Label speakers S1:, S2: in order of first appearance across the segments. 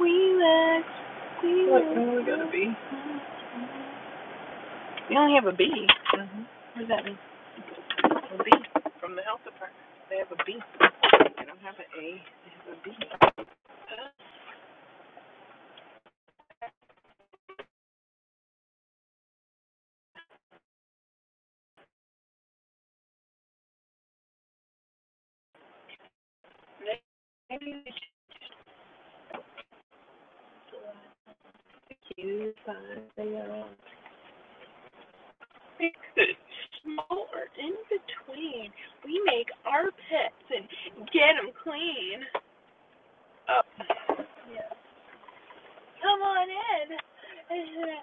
S1: We were, we What are we got a B. were. only have a B. Mm-hmm. What does that mean? A B. They have a B. They don't have an A. Maybe we should choose one of the other. Small or in between. We make our pets and get them clean. Oh, come on in.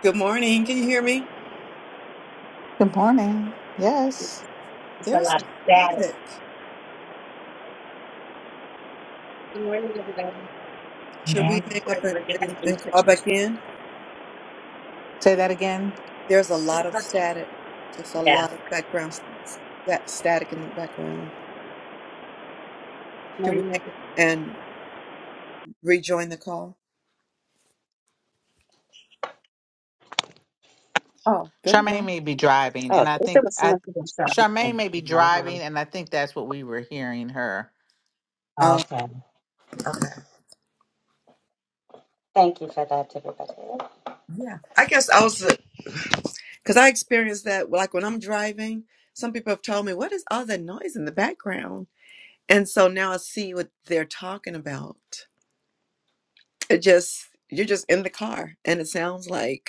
S2: Good morning. Can you hear me?
S3: Good morning. Yes.
S4: It's a
S2: There's
S4: lot
S2: some
S4: of static.
S2: static.
S4: Good morning, everybody.
S3: Good
S2: Should we
S3: morning.
S2: hang up and,
S4: We're gonna
S2: and,
S4: be
S2: and call
S4: touching.
S2: back in?
S3: Say that again.
S2: There's a lot of static, just a
S4: Yeah.
S2: lot of background s- that static in the background.
S4: Good
S2: Should we
S4: morning,
S2: hang
S4: everybody.
S2: up and rejoin the call? Oh, there we
S3: Charmaine
S2: go.
S3: may be driving,
S4: Oh,
S3: and I
S4: it's there
S3: think
S4: was so
S3: I
S4: much to say.
S3: Charmaine may be
S4: Uh-huh.
S3: driving, and I think that's what we were hearing her.
S2: Oh,
S4: Okay.
S2: okay.
S4: Thank you for that, everybody.
S2: Yeah. I guess I was, because I experienced that, like when I'm driving, some people have told me, what is all that noise in the background? And so now I see what they're talking about. It just, you're just in the car and it sounds like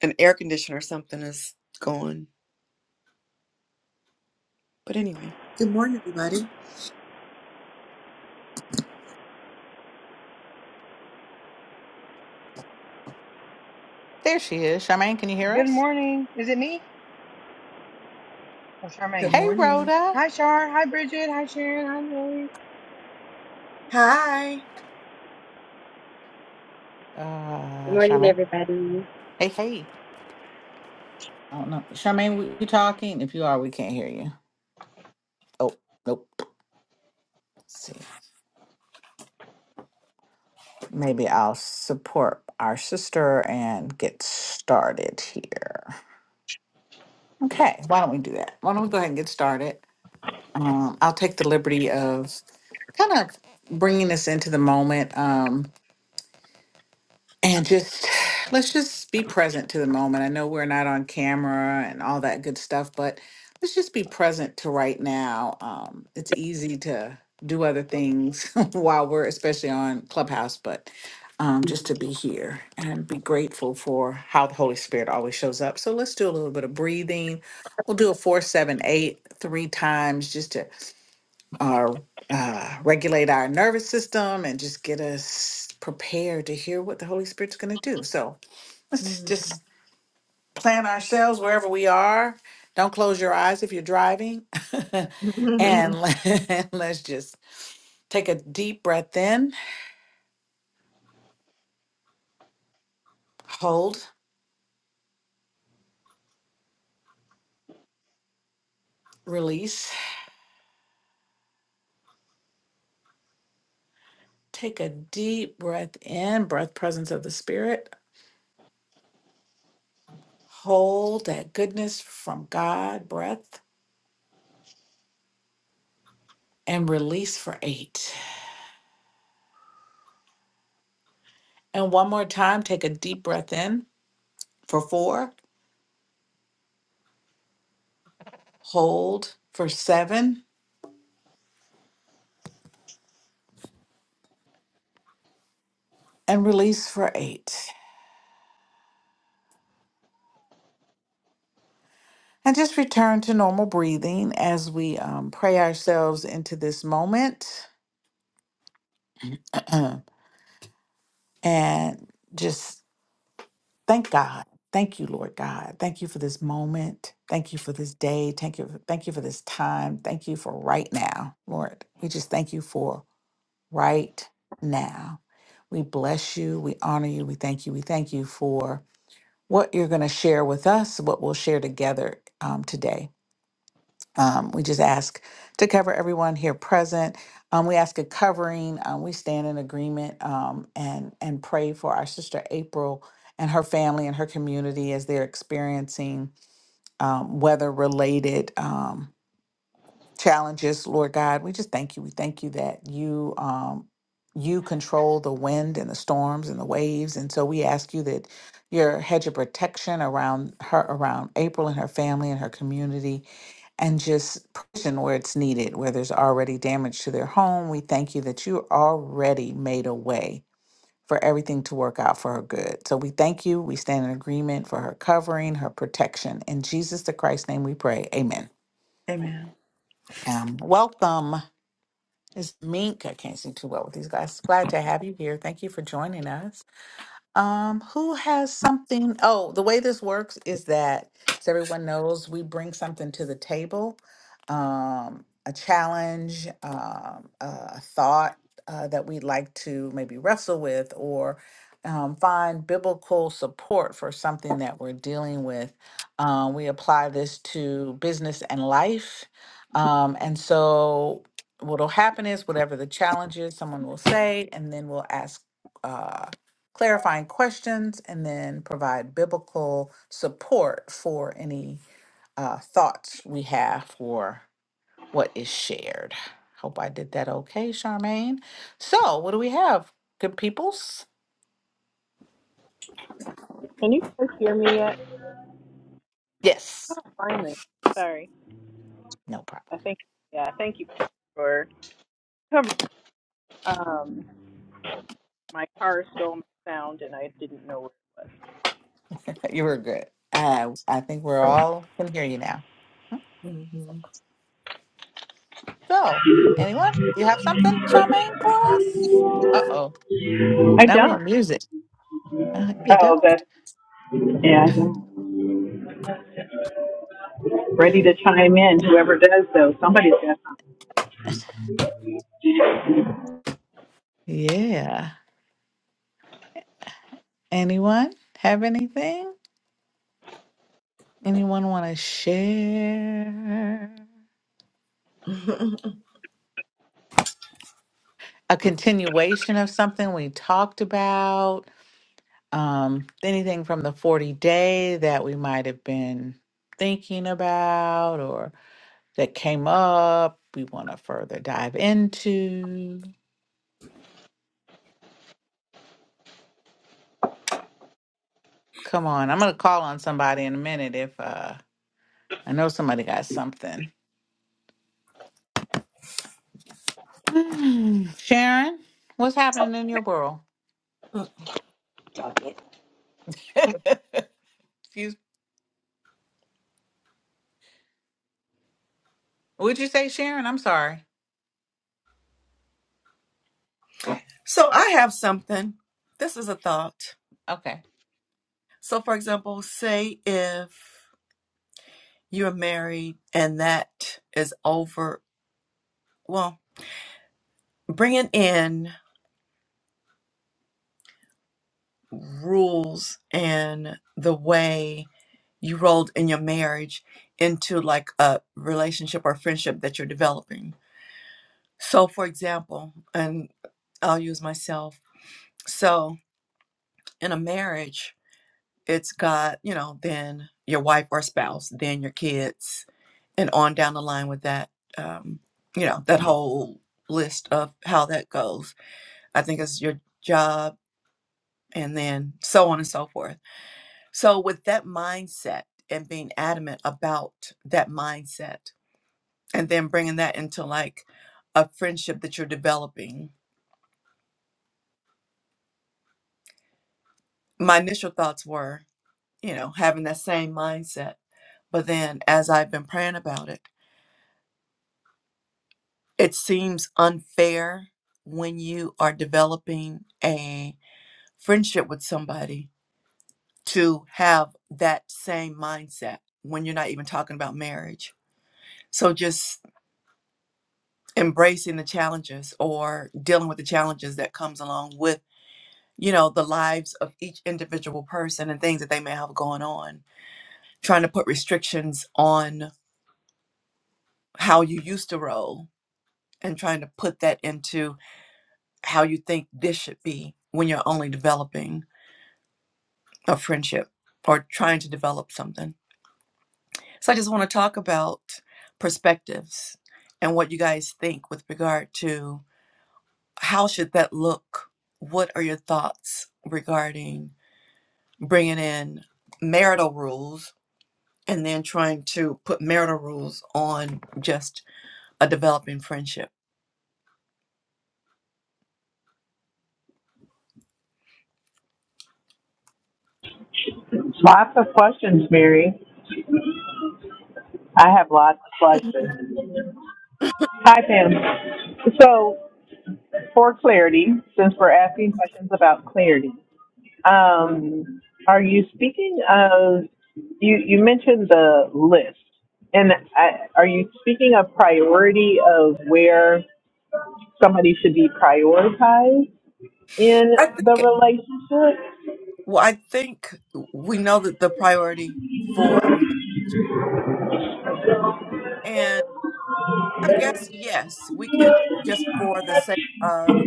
S2: an air conditioner or something is going. But anyway. Good morning, everybody.
S3: There she is. Charmaine, can you hear
S5: Good
S3: us?
S5: morning. Is it me or
S2: Good
S5: Charmaine?
S3: Hey,
S2: morning.
S3: Rhoda.
S5: Hi, Char. Hi, Bridget. Hi, Sharon. Hi, Mary.
S2: Hi.
S4: Good
S3: Uh,
S4: morning,
S3: Charmaine.
S4: everybody.
S3: Hey, hey. I don't know. Charmaine, were you talking? If you are, we can't hear you. Oh, nope. Let's see. Maybe I'll support our sister and get started here. Okay. Why don't we do that? Why don't we go ahead and get started? Um, I'll take the liberty of kind of bringing us into the moment um, and just let's just be present to the moment. I know we're not on camera and all that good stuff, but let's just be present to right now. Um, it's easy to do other things while we're especially on Clubhouse, but um, just
S4: Mhm.
S3: to be here and be grateful for how the Holy Spirit always shows up. So let's do a little bit of breathing. We'll do a four, seven, eight, three times just to or uh, regulate our nervous system and just get us prepared to hear what the Holy Spirit's going to do. So let's
S2: Mm.
S3: just plan ourselves wherever we are. Don't close your eyes if you're driving. and let- let's just take a deep breath in, hold, release. Take a deep breath in, breath presence of the Spirit. Hold that goodness from God, breath, and release for eight. And one more time, take a deep breath in for four, hold for seven, and release for eight. And just return to normal breathing as we um, pray ourselves into this moment and just thank God. Thank you, Lord God. Thank you for this moment. Thank you for this day. Thank you. Thank you for this time. Thank you for right now, Lord. We just thank you for right now. We bless you. We honor you. We thank you. We thank you for what you're going to share with us, what we'll share together um, today. Um, we just ask to cover everyone here present. Um, we ask a covering. Um, we stand in agreement um, and and pray for our sister April and her family and her community as they're experiencing um, weather related challenges, Lord God. We just thank you. We thank you that you um you control the wind and the storms and the waves. And so we ask you that your hedge of protection around her around April and her family and her community and just provision where it's needed, where there's already damage to their home. We thank you that you already made a way for everything to work out for her good. So we thank you. We stand in agreement for her covering, her protection. In Jesus the Christ's name we pray. Amen.
S2: Amen.
S3: Um, welcome. It's Mink. I can't see too well with these glasses. Glad to have you here. Thank you for joining us. Um, who has something? Oh, the way this works is that, as everyone knows, we bring something to the table, um, a challenge, um, a thought uh, that we'd like to maybe wrestle with or um, find biblical support for something that we're dealing with. Um, we apply this to business and life. Um, and so, what'll happen is, whatever the challenge is, someone will say, and then we'll ask. Uh, clarifying questions and then provide biblical support for any uh, thoughts we have for what is shared. Hope I did that okay, Charmaine. So, what do we have? Good peoples?
S1: Can you guys hear me yet? I
S3: Yes,
S1: do Sorry.
S3: no problem.
S1: I think yeah, thank you for covering um my car stole my sound and I didn't know what it
S3: You were good. Uh, I think we're all can hear you now.
S2: Mhm.
S3: So, anyone, you have something, Charmaine, for us? Uh oh,
S1: was. I
S3: now we have
S1: don't.
S3: music. Uh, you
S1: Oh,
S3: don't?
S1: that's yeah, I'm ready to chime in. Whoever does though, somebody's got
S3: Yeah. Anyone have anything? Anyone want to share a continuation of something we talked about? Um, anything from the 40 day that we might have been thinking about or that came up we want to further dive into? Come on, I'm going to call on somebody in a minute if uh, I know somebody got something. Hmm, Sharon, what's
S4: Talk
S3: happening in your world?
S4: it.
S3: Excuse Would you say Sharon? I'm sorry.
S2: so I have something. This is a thought.
S3: Okay.
S2: So, for example, say if you're married and that is over, well, bringing in rules and the way you rolled in your marriage into like a relationship or friendship that you're developing. So, for example, and I'll use myself. So, in a marriage, it's got, you know, then your wife or spouse, then your kids, and on down the line with that, um, you know, that whole list of how that goes. I think it's your job and then so on and so forth. So, with that mindset and being adamant about that mindset, and then bringing that into like a friendship that you're developing. My initial thoughts were, you know, having that same mindset. But then as I've been praying about it, it seems unfair when you are developing a friendship with somebody to have that same mindset when you're not even talking about marriage. So just embracing the challenges or dealing with the challenges that comes along with. you know, the lives of each individual person and things that they may have going on, trying to put restrictions on how you used to roll and trying to put that into how you think this should be when you're only developing a friendship or trying to develop something. So I just want to talk about perspectives and what you guys think with regard to how should that look? What are your thoughts regarding bringing in marital rules and then trying to put marital rules on just a developing friendship.
S1: some lots of questions, Mary. I have lots of questions. Hi Pam. So for clarity, since we're asking questions about clarity. Um, are you speaking of, you, you mentioned the list, and I, are you speaking of priority of where somebody should be prioritized in
S2: I think,
S1: the relationship?
S2: well, I think we know that the priority for a man, and I guess, yes, we could just for the sake of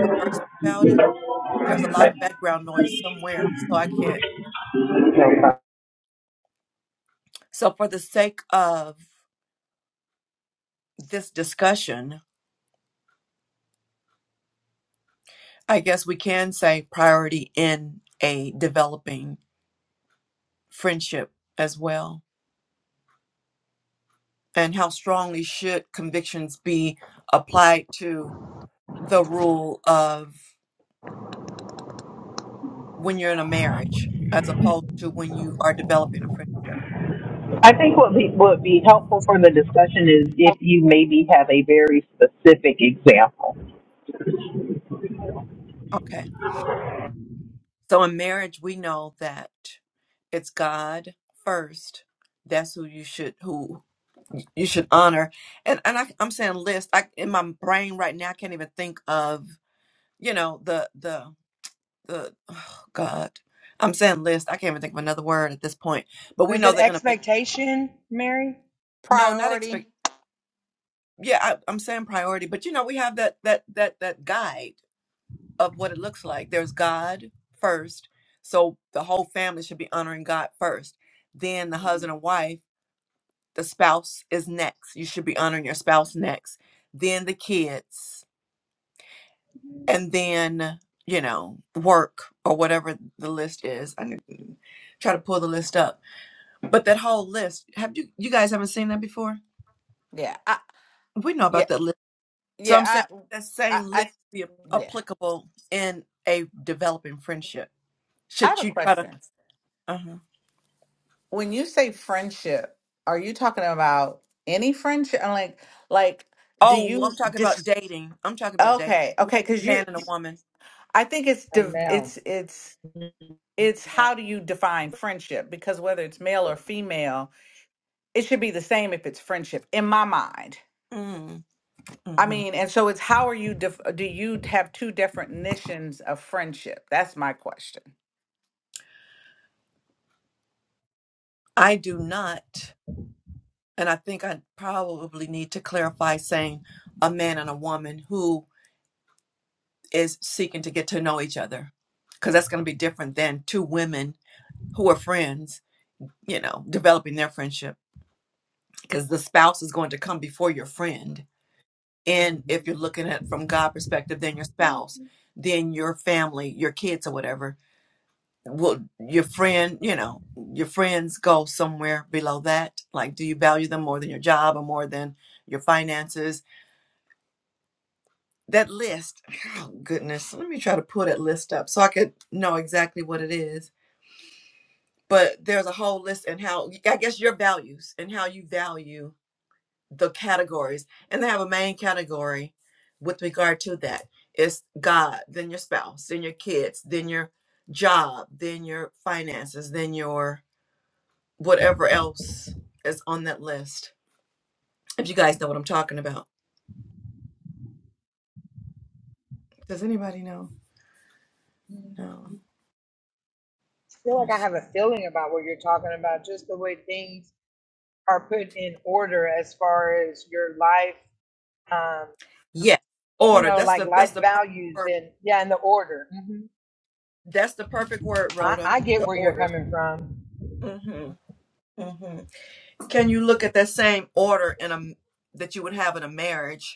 S2: conversing about it. There's a lot of background noise somewhere, so I can't. So, for the sake of this discussion, I guess we can say priority in a developing friendship as well. and how strongly should convictions be applied to the rule of when you're in a marriage as opposed to when you are developing a friendship?
S1: I think what be, would be helpful for the discussion is if you maybe have a very specific example.
S2: Okay. So in marriage, we know that it's God first. That's who you should who you should honor. And and I, I'm saying list. I in my brain right now, I can't even think of you know the the the oh God. I'm saying list. I can't even think of another word at this point. But we
S5: Is
S2: know
S5: it
S2: that in a marriage,
S5: expectation, Mary?
S2: no, not expect.
S3: priority.
S2: yeah I, i'm saying priority but you know we have that that that that guide of what it looks like there's god first so the whole family should be honoring god first then the
S5: Mhm.
S2: husband and wife the spouse is next you should be honoring your spouse next then the kids and then you know work or whatever the list is i need to try to pull the list up but that whole list have you you guys haven't seen that before
S3: Yeah, I,
S2: we know about
S3: yeah,
S2: that So I'm saying
S3: yeah. I,
S2: that
S3: I,
S2: same list
S3: I,
S2: be ap-
S3: yeah.
S2: applicable in a developing friendship.
S3: I have
S2: Should
S3: a
S2: you try to?
S3: question.
S2: uh
S3: When you say friendship, are you talking about any friendship? I'm like, like, do
S2: Oh, well,
S3: you
S2: I'm talking about
S3: just?
S2: dating. I'm talking about dating,
S3: Okay, okay,
S2: like
S3: because you.
S2: man and a woman.
S3: I think it's
S5: And
S3: div- it's
S5: Mel.
S3: it's it's how do you define friendship? Because whether it's male or female, it should be the same if it's friendship in my mind.
S2: Mm-hmm.
S3: I mean, and so it's how are you? Def- do you have two definitions of friendship? That's my question.
S2: I do not, and I think I probably need to clarify saying a man and a woman who is seeking to get to know each other, because that's going to be different than two women who are friends. You know, developing their friendship because the spouse is going to come before your friend and if
S5: Mhm.
S2: you're looking at from God perspective, then your spouse, then your family, your kids or whatever. Will your friend, you know, your friends go somewhere below that? Like, do you value them more than your job or more than your finances? That list, oh goodness, let me try to pull that list up so I could know exactly what it is. But there's a whole list and how I guess your values and how you value the categories and they have a main category with regard to that it's god then your spouse then your kids then your job then your finances then your whatever else is on that list if you guys know what i'm talking about does anybody know no
S5: I feel like I have a feeling about what you're talking about, just the way things are put in order as far as your life, um,
S2: yeah
S5: you
S2: order
S5: know,
S2: that's
S5: like
S2: the that's
S5: life
S2: the perfect
S5: values
S2: word
S5: and yeah, and the order. hmm
S2: that's the perfect word
S5: I,
S2: rhoda
S5: I get
S2: the
S5: where you're
S2: order
S5: coming from.
S2: mm hmm mm hmm can you look at that same order in a that you would have in a marriage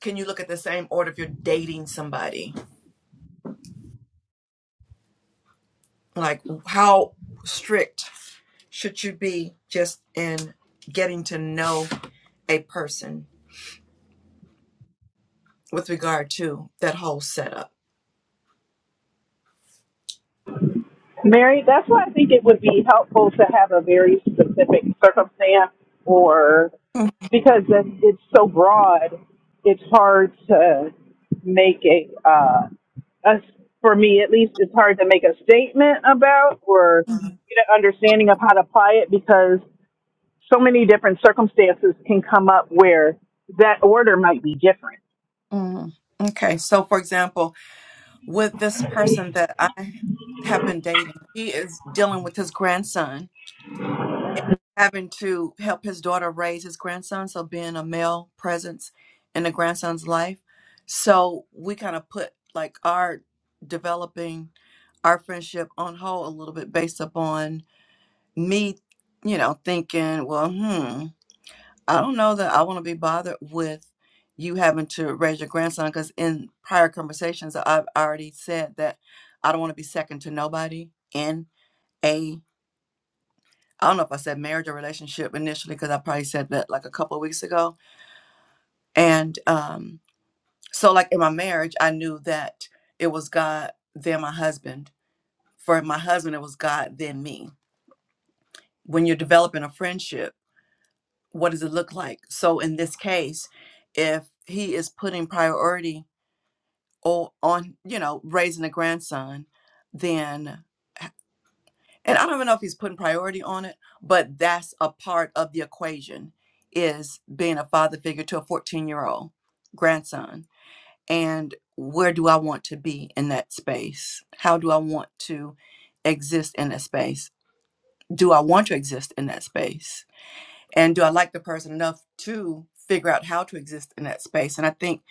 S2: can you look at the same order if you're dating somebody? Like, how strict should you be just in getting to know a person with regard to that whole setup?
S1: Mary, that's why I think it would be helpful to have a very specific circumstance or because it's it's so broad, it's hard to make a, uh, us for me at least, it's hard to make a statement about or get an understanding of how to apply it because so many different circumstances can come up where that order might be different.
S2: hmm Okay, so for example, with this person that I have been dating, he is dealing with his grandson and having to help his daughter raise his grandson, so being a male presence in the grandson's life. So we kind of put like our developing our friendship on hold a little bit based upon me, you know, thinking, well, hmm, I don't know that I want to be bothered with you having to raise your grandson because in prior conversations I've already said that I don't want to be second to nobody in a I don't know if I said marriage or relationship initially because I probably said that like a couple of weeks ago. And um, so, like in my marriage, I knew that it was God, then my husband. For my husband, it was God, then me. When you're developing a friendship, what does it look like? So, in this case, if he is putting priority o- on, you know, raising a grandson, then and I don't even know if he's putting priority on it, but that's a part of the equation is being a father figure to a 14 year old grandson. And where do I want to be in that space? How do I want to exist in that space? Do I want to exist in that space? And do I like the person enough to figure out how to exist in that space? And I think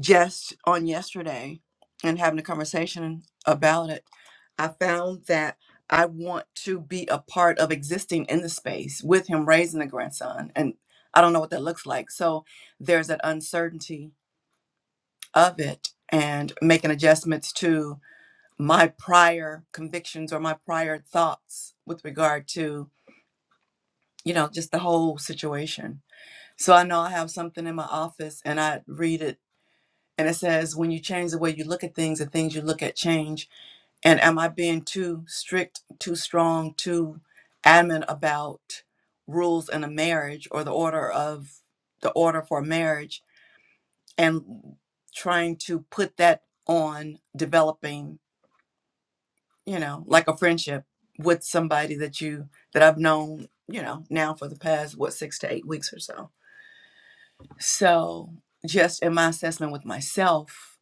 S2: just on yesterday and having a conversation about it I found that I want to be a part of existing in the space with him raising a grandson. And I don't know what that looks like. So there's that uncertainty of it and making adjustments to my prior convictions or my prior thoughts with regard to, you know, just the whole situation. So I know I have something in my office and I read it and it says, when you change the way you look at things, the things you look at change And am I being too strict, too strong, too adamant about rules in a marriage or the order of the order for a marriage and trying to put that on developing, you know, like a friendship with somebody that you that I've known, you know, now for the past what 6 to 8 weeks or so. So, just in my assessment with myself,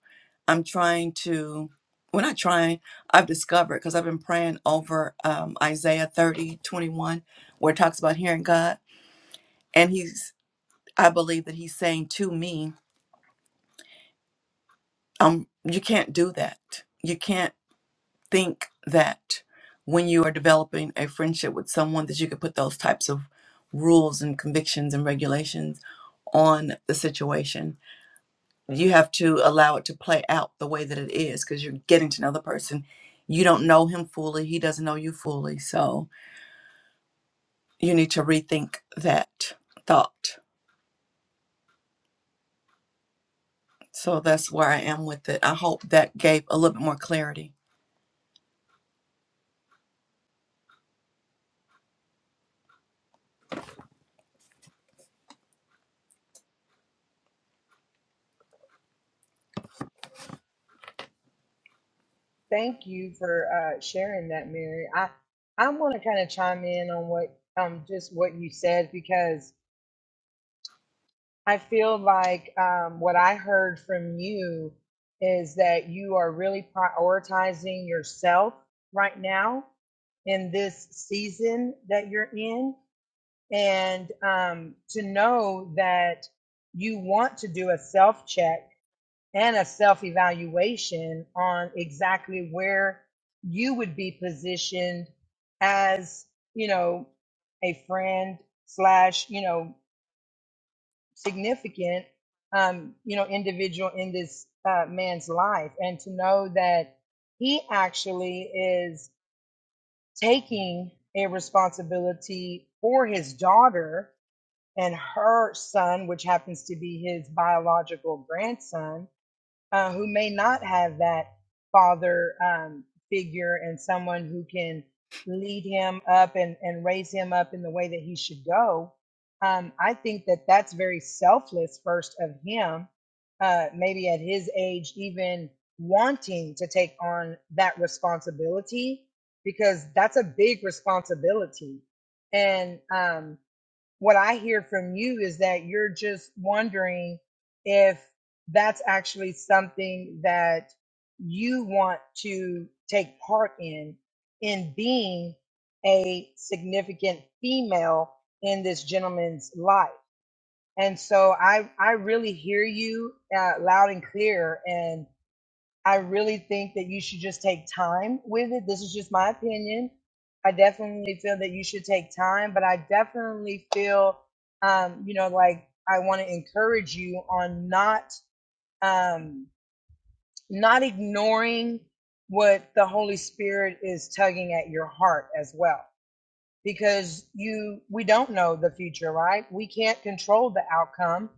S2: I'm trying to, We're not trying. I've discovered because I've been praying over um, Isaiah 30:21, where it talks about hearing God. And he's, I believe that he's saying to me, um, you can't do that. You can't think that when you are developing a friendship with someone that you could put those types of rules and convictions and regulations on the situation you have to allow it to play out the way that it is because you're getting to know the person you don't know him fully he doesn't know you fully so you need to rethink that thought so that's where i am with it i hope that gave a little bit more clarity
S5: Thank you for uh, sharing that, Mary. I I want to kind of chime in on what um just what you said because I feel like um, what I heard from you is that you are really prioritizing yourself right now in this season that you're in and um, to know that you want to do a self check and a self evaluation on exactly where you would be positioned as, you know, a friend slash, you know, significant, um, you know, individual in this uh, man's life. And to know that he actually is taking a responsibility for his daughter and her son, which happens to be his biological grandson uh, who may not have that father um, figure and someone who can lead him up and, and raise him up in the way that he should go. Um, I think that that's very selfless, first of him, uh, maybe at his age, even wanting to take on that responsibility, because that's a big responsibility. And um, what I hear from you is that you're just wondering if that's actually something that you want to take part in, in being a significant female in this gentleman's life. And so I, I really hear you uh, loud and clear. and. I really think that you should just take time with it. This is just my opinion. I definitely feel that you should take time, but I definitely feel, um, you know, like I want to encourage you on not um, not ignoring what the Holy Spirit is tugging at your heart as well because you we don't know the future right we can't control the outcome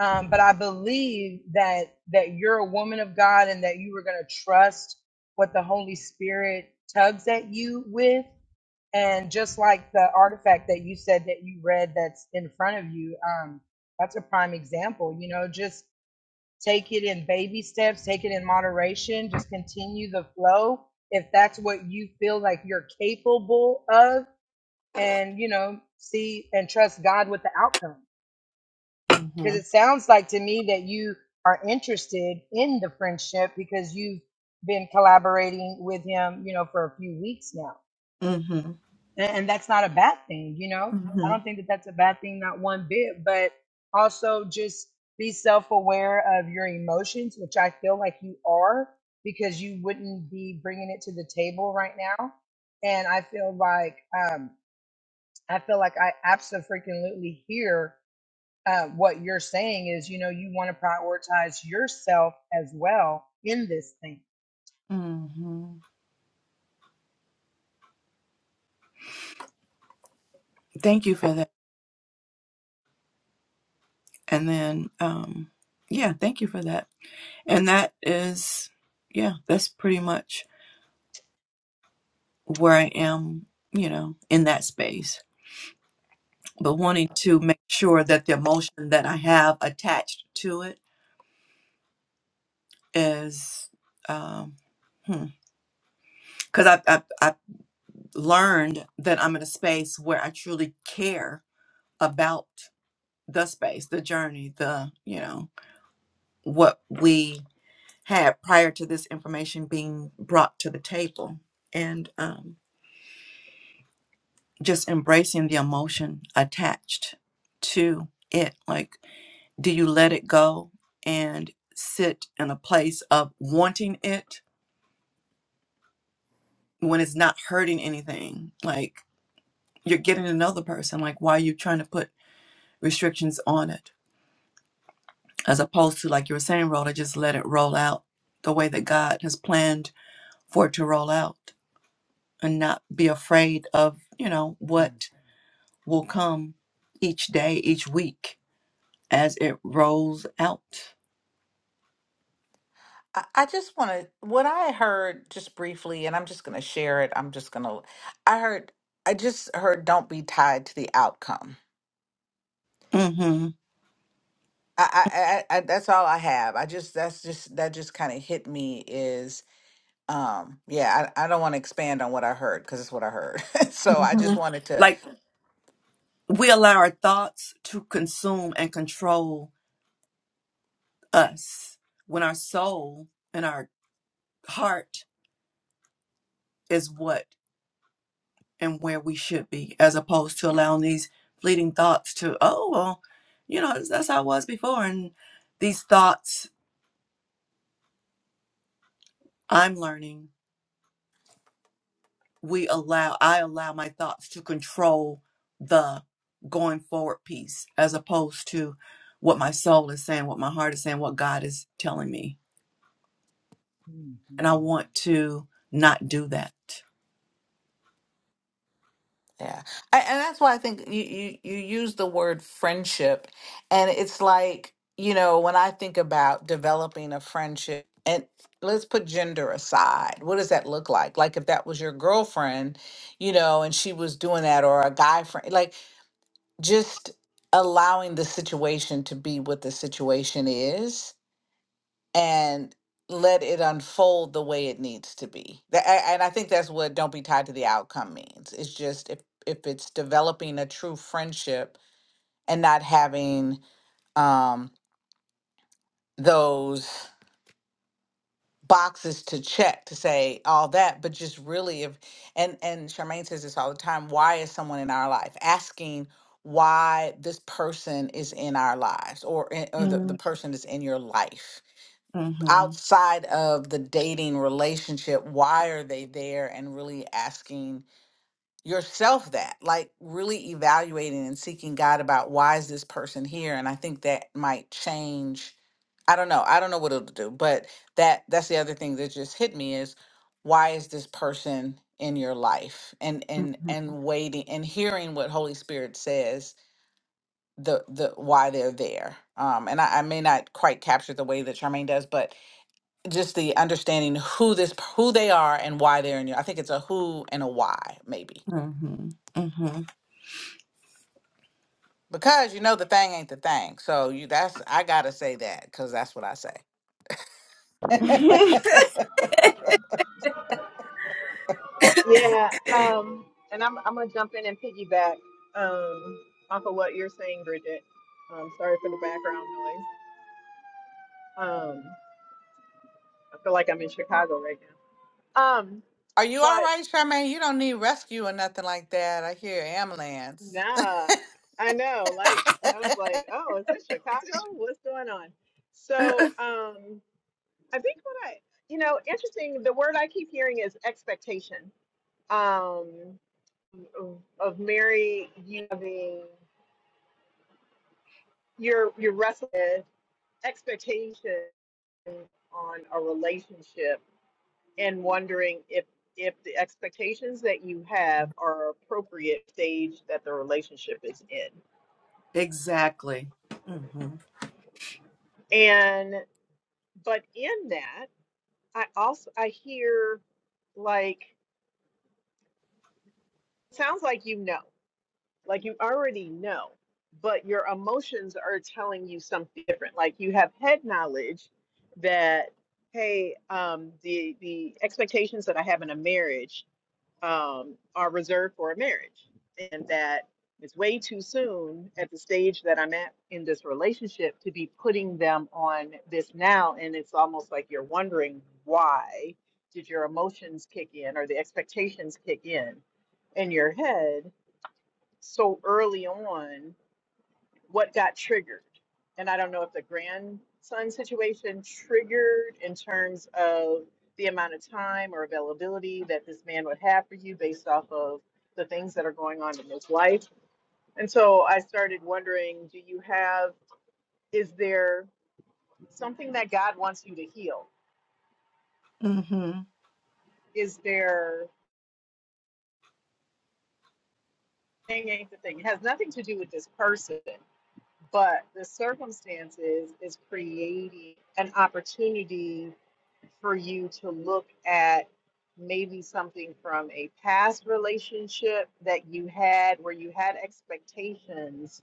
S5: um, but i believe that that you're a woman of god and that you are going to trust what the holy spirit tugs at you with and just like the artifact that you said that you read that's in front of you um, that's a prime example you know just take it in baby steps take it in moderation just continue the flow if that's what you feel like you're capable of and you know see and trust god with the outcome because
S2: mm-hmm.
S5: it sounds like to me that you are interested in the friendship because you've been collaborating with him you know for a few weeks now
S2: Mm-hmm.
S5: and, and that's not a bad thing you know i
S2: Mm-hmm.
S5: don't think that that's a bad thing not one bit but also just be self-aware of your emotions which i feel like you are because you wouldn't be bringing it to the table right now and i feel like um, I feel like I absolutely hear uh, what you're saying is, you know, you want to prioritize yourself as well in this thing.
S2: Mm-hmm. thank you for that and then um yeah thank you for that and that is yeah that's pretty much where i am you know in that space but wanting to make sure that the emotion that I have attached to it is, um, because I've, I've, I've learned that I'm in a space where I truly care about the space, the journey, the, you know, what we had prior to this information being brought to the table and um, just embracing the emotion attached to it. Like, do you let it go and sit in a place of wanting it when it's not hurting anything like you're getting to know the person like why are you trying to put restrictions on it as opposed to like you were saying roll just let it roll out the way that god has planned for it to roll out and not be afraid of you know
S3: Mm.
S2: what will come each day each week as it rolls out
S3: I I just want to, what I heard just briefly, and I'm just going to share it. I'm just going to, I heard, I just heard, don't be tied to the outcome.
S2: mm hmm
S3: I, I, I, I that's all I have. I just, that's just, that just kind of hit me is, um, yeah, I, I don't want to expand on what I heard because it's what I heard. so
S2: mm
S3: I
S2: hmm
S3: just wanted to,
S2: like we allow our thoughts to consume and control us when our soul and our heart is what and where we should be, as opposed to allowing these fleeting thoughts to, oh, well, you know, that's how I was before. And these thoughts I'm learning, we allow, I allow my thoughts to control the going forward piece, as opposed to what my soul is saying, what my heart is saying, what God is telling me and I
S5: Mm-hmm.
S2: want to not do that.
S3: Yeah. I, and that's why I think you, you you use the word friendship and it's like, you know, when I think about developing a friendship and let's put gender aside. What does that look like? Like if that was your girlfriend, you know, and she was doing that or a guy friend, like just allowing the situation to be what the situation is and let it unfold the way it needs to be. Tha- a- And I think that's what don't be tied to the outcome means. It's just if if it's developing a true friendship and not having um those boxes to check to say all that, but just really if and and Charmaine says this all the time, why is someone in our life? Asking why this person is in our lives or in, or the, the
S2: Mm.
S3: person is in your life
S2: hmm
S3: outside of the dating relationship why are they there and really asking yourself that like really evaluating and seeking god about why is this person here and i think that might change i don't know i don't know what it'll do but that that's the other thing that just hit me is why is this person in your life and and and waiting and hearing what holy spirit says the the why they're there um and i, I may not quite capture the way that charmaine does but just the understanding who this who they are and why they're in you. I think it's a who and a why maybe
S2: hmm hmm
S3: because you know the thing ain't the thing. So you that's I gotta say that because that's what I say.
S1: Yeah, um, and I'm I'm gonna jump in and piggyback um, off of what you're saying, Bridget. Um, sorry for the background noise. Um, I feel like I'm in Chicago right now. Um,
S3: Are you all
S1: but
S3: right, Charmaine? You don't need rescue or nothing like that. I hear ambulance.
S1: Nah, I know. Like, I was like, oh, is this Chicago? What's going on? So, um, I think what I, you know, interesting, the word I keep hearing is expectation. Um, of of Mary, you having your your wrestling with expectation on a relationship and wondering if if the expectations that you have are appropriate stage that the relationship is in.
S2: exactly. hmm
S1: And but in that I also I hear like sounds like you know. Like you already know, but your emotions are telling you something different. Like you have head knowledge that hey, um the the expectations that I have in a marriage um, are reserved for a marriage, and that it's way too soon at the stage that I'm at in this relationship to be putting them on this now. And it's almost like you're wondering why did your emotions kick in or the expectations kick in in your head so early on what got triggered. And I don't know if the grandson situation triggered in terms of the amount of time or availability that this man would have for you based off of the things that are going on in his life. And so I started wondering do you have, is there something that God wants you to heal?
S2: hmm
S1: Is there thing ain't the thing? It has nothing to do with this person, but the circumstances is creating an opportunity for you to look at maybe something from a past relationship that you had where you had expectations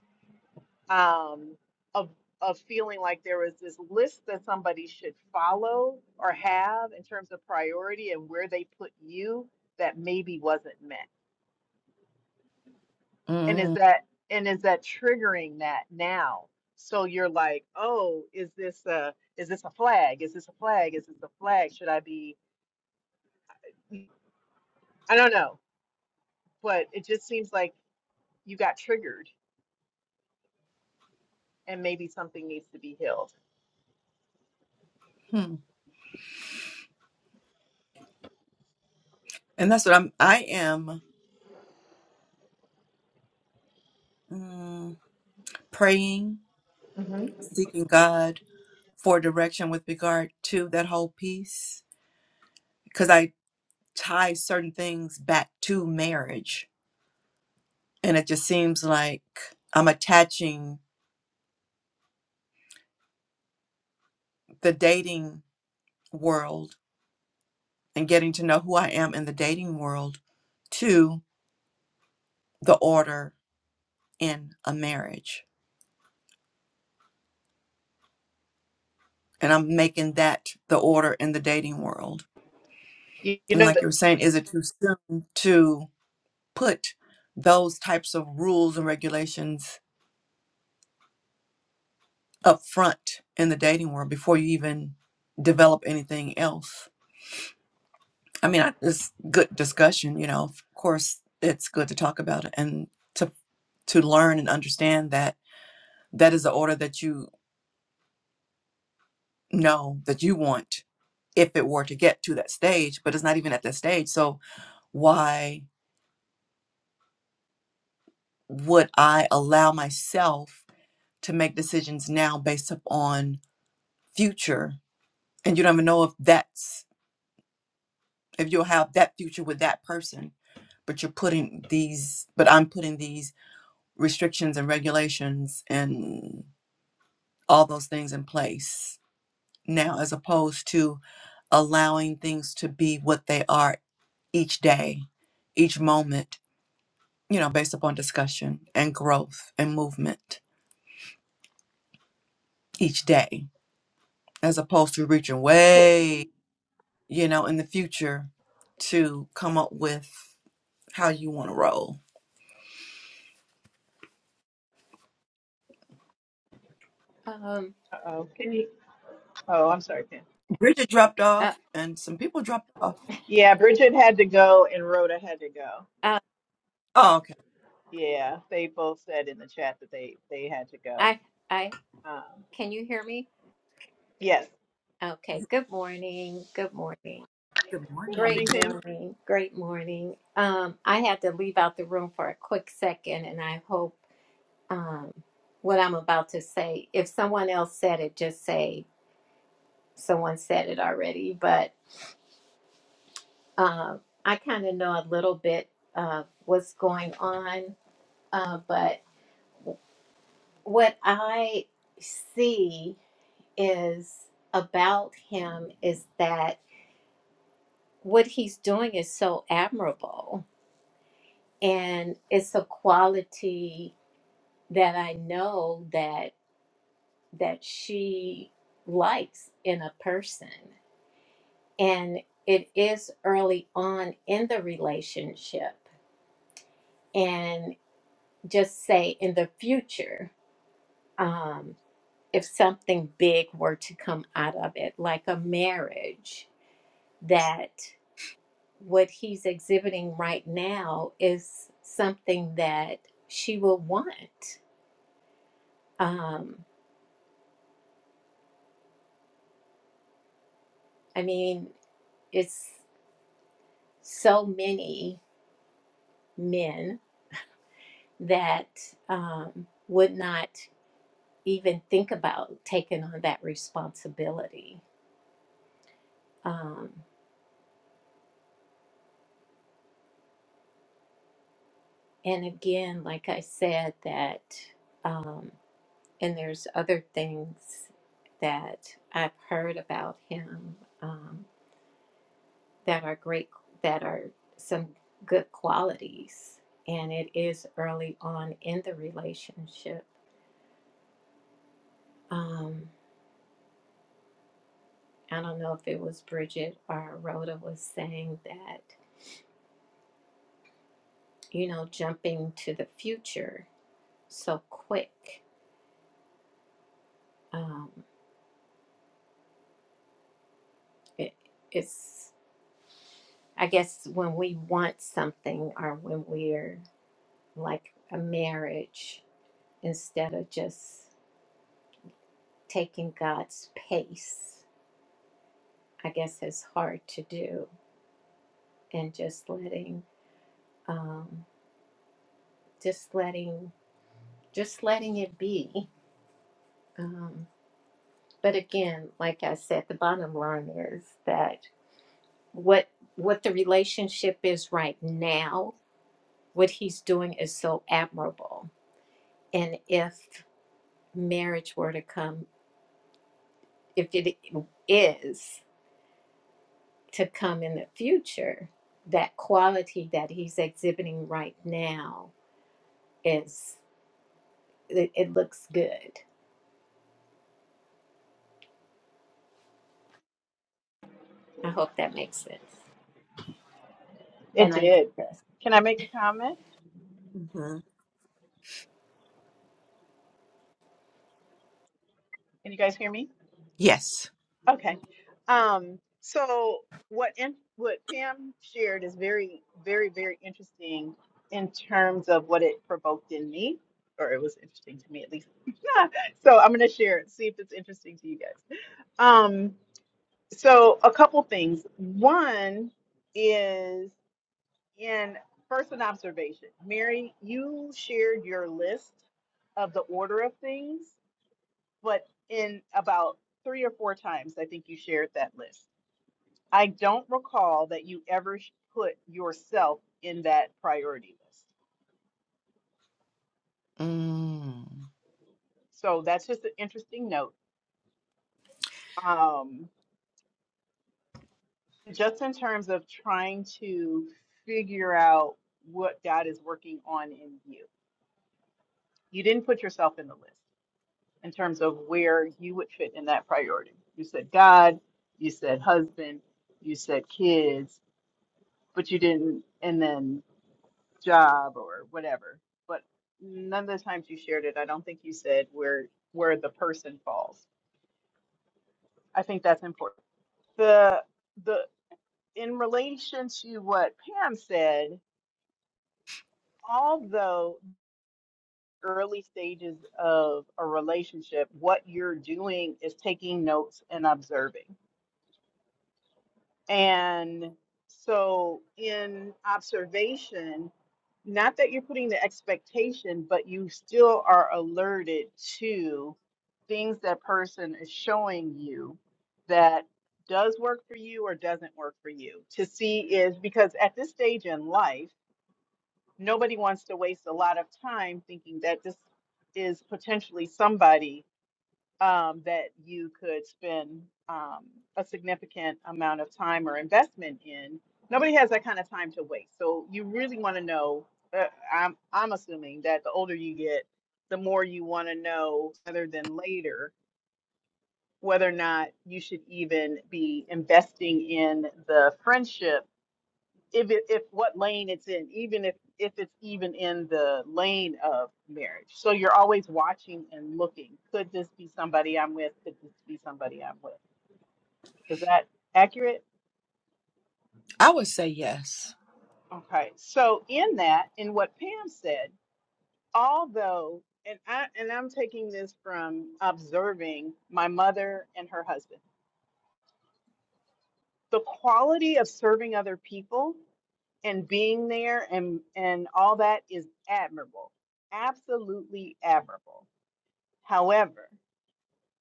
S1: um, of of feeling like there was this list that somebody should follow or have in terms of priority and where they put you that maybe wasn't met. And is
S2: hmm
S1: that and is that triggering that now? So you're like, oh, is this a is this a flag? Is this a flag? Is this a flag? Should I be I don't know but it just seems like you got triggered and maybe something needs to be healed.
S2: And that's what I'm. I am mm, praying, seeking God for direction with regard to that whole piece because I tie certain things back to marriage, and it just seems like I'm attaching the dating world and getting to know who I am in the dating world to the order in a marriage. And I'm making that the order in the dating world.
S1: You, you
S2: And
S1: know
S2: like
S1: that
S2: you were saying, is it too soon to put those types of rules and regulations up front in the dating world before you even develop anything else? I mean, I, it's good discussion, you know. Of course, it's good to talk about it and to to learn and understand that that is the order that you know that you want if it were to get to that stage, but it's not even at that stage. So why would I allow myself to make decisions now based upon future? And you don't even know if that's if you'll have that future with that person, but you're putting these but I'm putting these restrictions and regulations and all those things in place now as opposed to allowing things to be what they are each day, each moment you know, based upon discussion and growth and movement each day, as opposed to reaching
S1: hit me?
S2: way, you know, in the future to come up with how you want to roll.
S6: Um,
S1: Uh-oh. Can you? Oh, I'm sorry, Ken.
S2: Bridget dropped
S6: uh,
S2: off and some people dropped off.
S1: Yeah, Bridget had to go and Rhoda had to go.
S6: uh,
S2: Oh, okay.
S1: Yeah, they both said in the chat that they they had to go.
S6: I, I,
S1: Um,
S6: can you hear me?
S1: yes.
S6: Okay. Good morning. Good morning.
S2: Good
S1: Good
S2: morning.
S6: Great
S1: morning, Pam.
S6: morning. Great morning. Um, I had to leave out the room for a quick second, and I hope um, what I'm about to say, if someone else said it, just say someone said it already. But um, I kind of know a little bit of what's going on. Uh, but what I see is about him is that what he's doing is so admirable and it's a quality that i know that that she likes in a person and it is early on in the relationship and just say in the future um, if something big were to come out of it like a marriage that what he's exhibiting right now is something that she will want. Um, I mean, it's so many men that um, would not even think about taking on that responsibility. Um, and again, like I said, that, um, and there's other things that I've heard about him. Um, that are great, that are some good qualities. And it is early on in the relationship. Um, I don't know if it was Bridget or Rhoda was saying that, you know, jumping to the future so quick. Um, it, it's, I guess, when we want something or when we're like a marriage, instead of just taking God's pace, I guess it's hard to do and just letting um, just letting just letting it be um, but again like i said the bottom line is that what what the relationship is right now what he's doing is so admirable and if marriage were to come if it is to come in the future that quality that he's exhibiting right now is it, it looks good i hope that makes sense
S1: It
S6: and I know
S1: did.
S6: this.
S1: Can I make a comment?
S2: hmm
S1: Can you guys hear me?
S2: Yes.
S1: Okay. Um, so what in, what Pam shared is very, very, very interesting in terms of what it provoked in me, or it was interesting to me at least. so I'm gonna share it, see if it's interesting to you guys. Um, so a couple things. One is in first an observation. Mary, you shared your list of the order of things, but in about three or four times, I think you shared that list. I don't recall that you ever sh- put yourself in that priority list.
S2: Mm.
S1: So that's just an interesting note. Um, just in terms of trying to figure out what God is working on in you, you didn't put yourself in the list in terms of where you would fit in that priority. You said God, you said husband, you said kids, but you didn't. And then job or whatever. But none of the times you shared it, I don't think you said where where the person falls. I think that's important. The the in relation to what Pam said, although early stages of a relationship, what you're doing is taking notes and observing. And so in observation, not that you're putting the expectation, but you still are alerted to things that person is showing you that does work for you or doesn't work for you to see is because at this stage in life, nobody wants to waste a lot of time thinking that this is potentially somebody um, that you could spend um, a significant amount of time or investment in. Nobody has that kind of time to waste. So you really want to know. Uh, I'm I'm assuming that the older you get, the more you want to know, rather than later, whether or not you should even be investing in the friendship if it, if what lane it's in, even if if it's even in the lane of marriage. So you're always watching and looking. Could this be somebody I'm with? Could this be somebody I'm with? Is that accurate?
S2: I would say yes.
S1: Okay. So in that, in what Pam said, although and I and I'm taking this from observing my mother and her husband. The quality of serving other people and being there and and all that is admirable. Absolutely admirable However,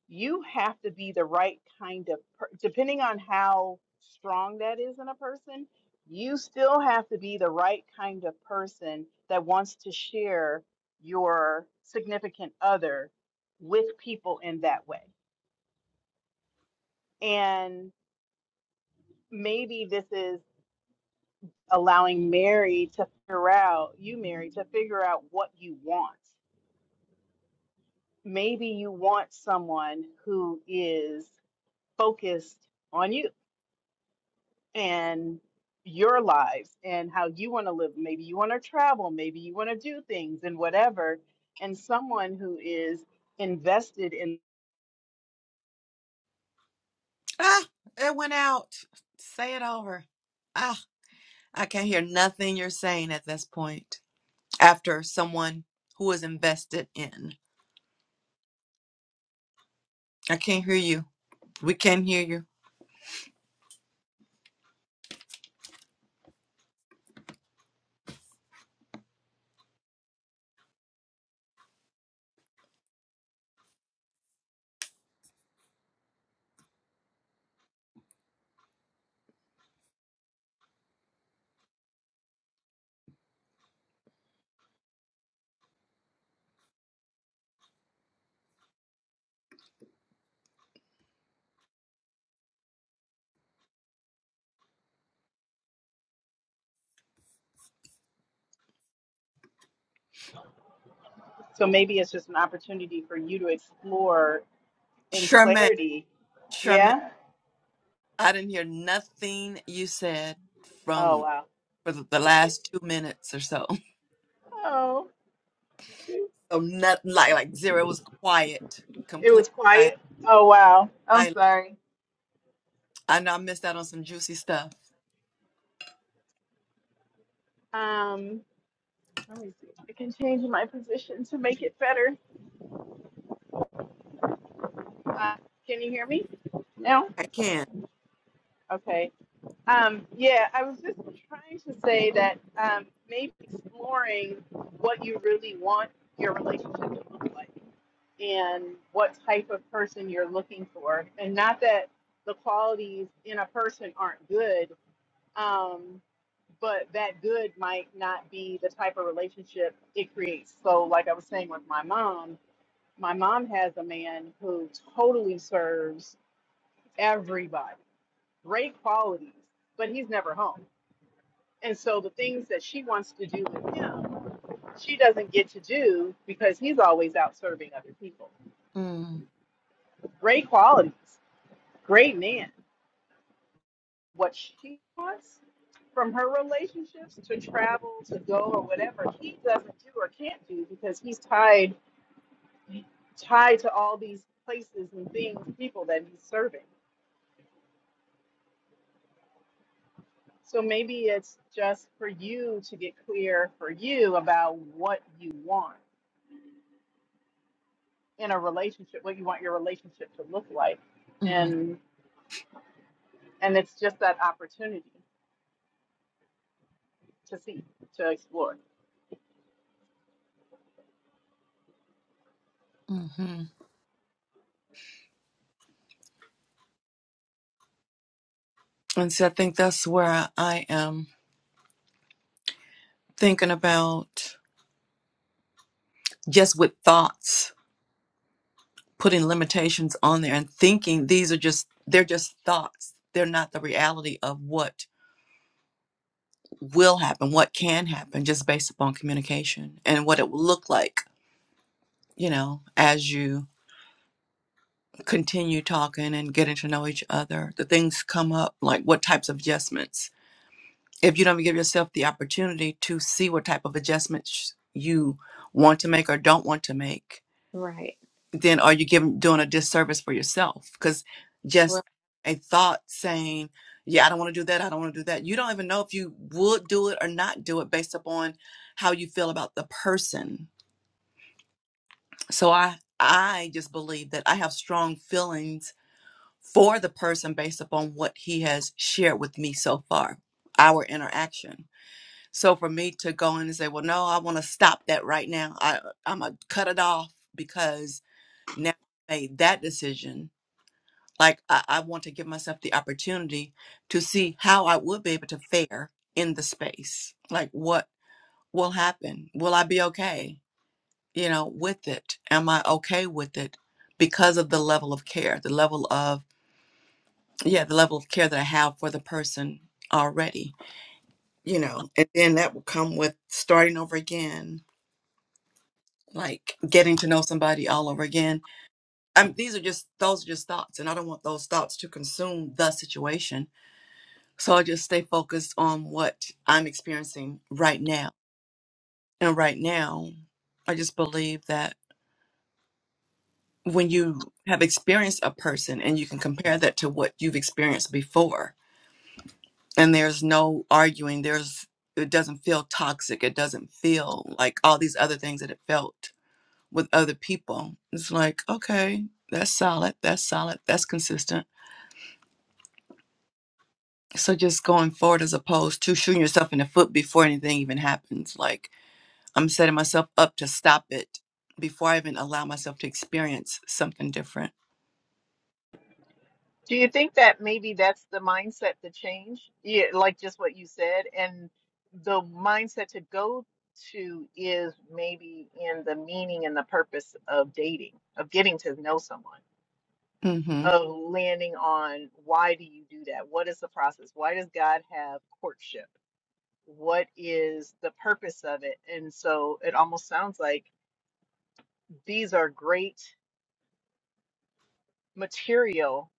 S1: you have to be the right kind of per- depending on how strong that is in a person, you still have to be the right kind of person that wants to share your significant other with people in that way. And maybe this is allowing Mary to figure out, you Mary, to figure out what you want. Maybe you want someone who is focused on you and your lives and how you want to live. Maybe you want to travel, maybe you want to do things and whatever. And someone who is invested in,
S2: Ah, it went out. Say it over. Ah, I can't hear nothing you're saying at this point after someone who is invested in. I can't hear you. We can't hear you.
S1: so maybe it's just an opportunity for you to explore in
S2: Charmaine,
S1: clarity.
S2: Charmaine,
S1: Yeah.
S2: I didn't hear nothing you said
S1: Oh,
S2: from
S1: wow.
S2: for the the last two minutes or so.
S1: Oh, shoot.
S2: So nothing. like like zero. It was quiet,
S1: It
S2: complete
S1: was
S2: silence.
S1: quiet. Oh, wow. I'm
S2: silence.
S1: sorry.
S2: I know I missed out on some juicy stuff.
S1: Um, let me see. I can change my position to make it better. Uh, can you hear me now?
S2: I can't.
S1: Okay. Um, yeah, I was just trying to say that um, maybe exploring what you really want your relationship to look like and what type of person you're looking for. And not that the qualities in a person aren't good, um, but that good might not be the type of relationship it creates. So, like I was saying with my mom, my mom has a man who totally serves everybody, great qualities, but he's never home And so the things that she wants to do with him, she doesn't get to do because he's always out serving other people.
S2: Mm,
S1: Great qualities, great man. What she wants from her relationships to travel, to go or whatever, he doesn't do or can't do because he's tied tied to all these places and things, people that he's serving. So maybe it's just for you to get clear for you about what you want in a relationship what you want your relationship to look like
S2: mm,
S1: and and it's just that opportunity to see to explore
S2: hmm And so I think that's where I am thinking about just with thoughts, putting limitations on there and thinking these are just they're just thoughts. They're not the reality of what will happen, what can happen just based upon communication and what it will look like, you know, as you continue talking and getting to know each other. The things come up like what types of adjustments. If you don't give yourself the opportunity to see what type of adjustments you want to make or don't want to make,
S6: Right.
S2: then are you giving doing a disservice for yourself? Because just
S6: Well,
S2: a thought saying, "Yeah, I don't want to do that. I don't want to do that." You don't even know if you would do it or not do it based upon how you feel about the person. So I I just believe that I have strong feelings for the person based upon what he has shared with me so far, our interaction. So for me to go in and say, "Well, no, I want to stop that right now. I I'm gonna cut it off because now I made that decision." Like I, I want to give myself the opportunity to see how I would be able to fare in the space. Like what will happen? Will I be okay? You know, with it? Am I okay with it? Because of the level of care, the level of yeah, the level of care that I have for the person already. You know, and then that will come with starting over again, like getting to know somebody all over again. I mean, these are just those are just thoughts, and I don't want those thoughts to consume the situation So I just stay focused on what I'm experiencing right now. And right now, I just believe that when you have experienced a person and you can compare that to what you've experienced before, and there's no arguing, there's it doesn't feel toxic. It doesn't feel like all these other things that it felt with other people. It's like, okay, that's solid. That's solid. That's consistent. So just going forward as opposed to shooting yourself in the foot before anything even happens. Like I'm setting myself up to stop it before I even allow myself to experience something different.
S1: Do you think that maybe that's the mindset to change? Yeah, like just what you said, and the mindset to go to is maybe in the meaning and the purpose of dating, of getting to know someone,
S2: Mm-hmm.
S1: of landing on why do you do that? What is the process? Why does God have courtship? what is the purpose of it? And so it almost sounds like these are great material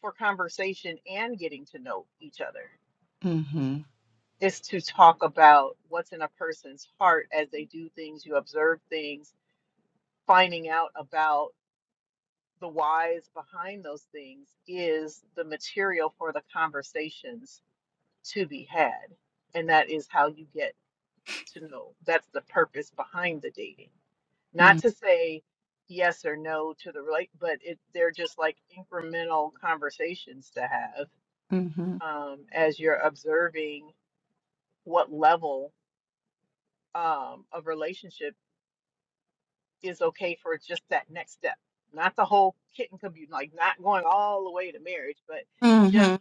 S1: for conversation and getting to know each other
S2: Mm-hmm.
S1: is to talk about what's in a person's heart as they do things, you observe things, finding out about the whys behind those things is the material for the conversations to be had. And that is how you get to know. That's the purpose behind the dating. not to say yes or no to the relate, but it they're just like incremental conversations to have
S2: Mm-hmm.
S1: um, as you're observing what level um, of relationship is okay for just that next step, not the whole kit and caboodle, like not going all the way to marriage, but just
S2: Mm-hmm.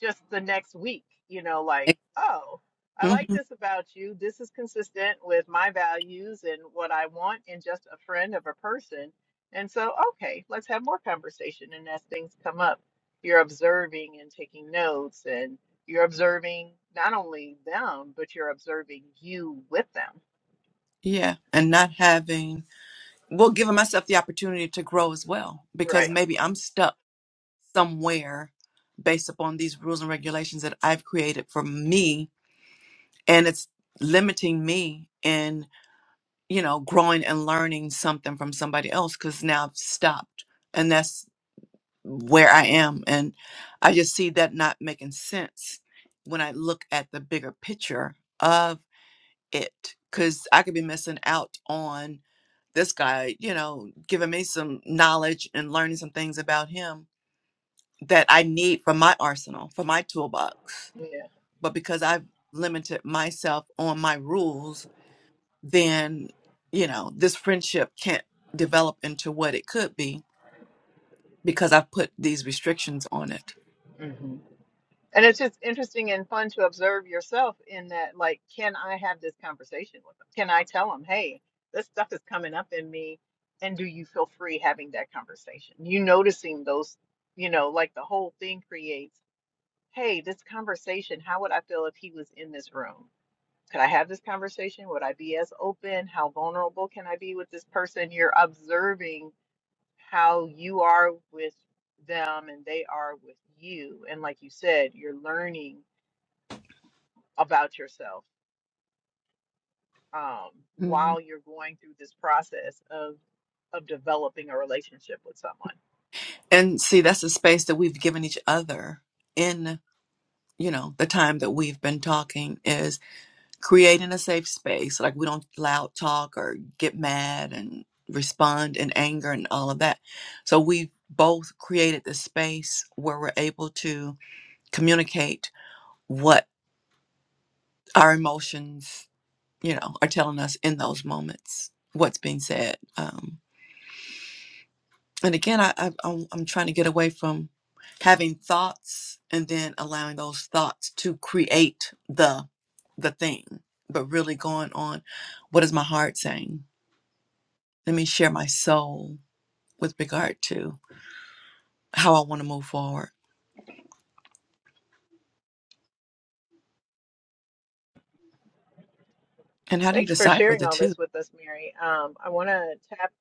S1: just the next week, you know, like, oh, I like
S2: Mm-hmm.
S1: this about you. This is consistent with my values and what I want in just a friend of a person. And so, okay, let's have more conversation. And as things come up, you're observing and taking notes, and you're observing not only them, but you're observing you with them.
S2: Yeah. And not having, well, giving myself the opportunity to grow as well,
S1: Right.
S2: because maybe I'm stuck somewhere based upon these rules and regulations that I've created for me. And it's limiting me in, you know, growing and learning something from somebody else because now I've stopped. And that's where I am. And I just see that not making sense when I look at the bigger picture of it, because I could be missing out on this guy, you know, giving me some knowledge and learning some things about him that I need for my arsenal, for my toolbox.
S1: Yeah.
S2: But because I've limited myself on my rules, then, you know, this friendship can't develop into what it could be because i put these restrictions on it.
S1: Mm-hmm. And it's just interesting and fun to observe yourself in that, like, can I have this conversation with them? Can I tell them, hey, this stuff is coming up in me? And do you feel free having that conversation? You noticing those, you know, like the whole thing creates, hey, this conversation, how would I feel if he was in this room? Could I have this conversation? Would I be as open? How vulnerable can I be with this person? You're observing how you are with them and they are with you. And like you said, you're learning about yourself um,
S2: Mhm.
S1: while you're going through this process of of developing a relationship with someone.
S2: And see, that's a space that we've given each other in, you know, the time that we've been talking creating a safe space like we don't loud talk or get mad and respond in anger and all of that so we both created this space where we're able to communicate what our emotions you know are telling us in those moments what's being said um, and again I, I i'm I'm trying to get away from having thoughts and then allowing those thoughts to create the the thing but really going on what is my heart saying Let me share my soul with regard to how I want to move forward. And how do you
S1: Thanks for
S2: decipher
S1: sharing
S2: the
S1: all
S2: two?
S1: this with us, Mary. Um, I want to tap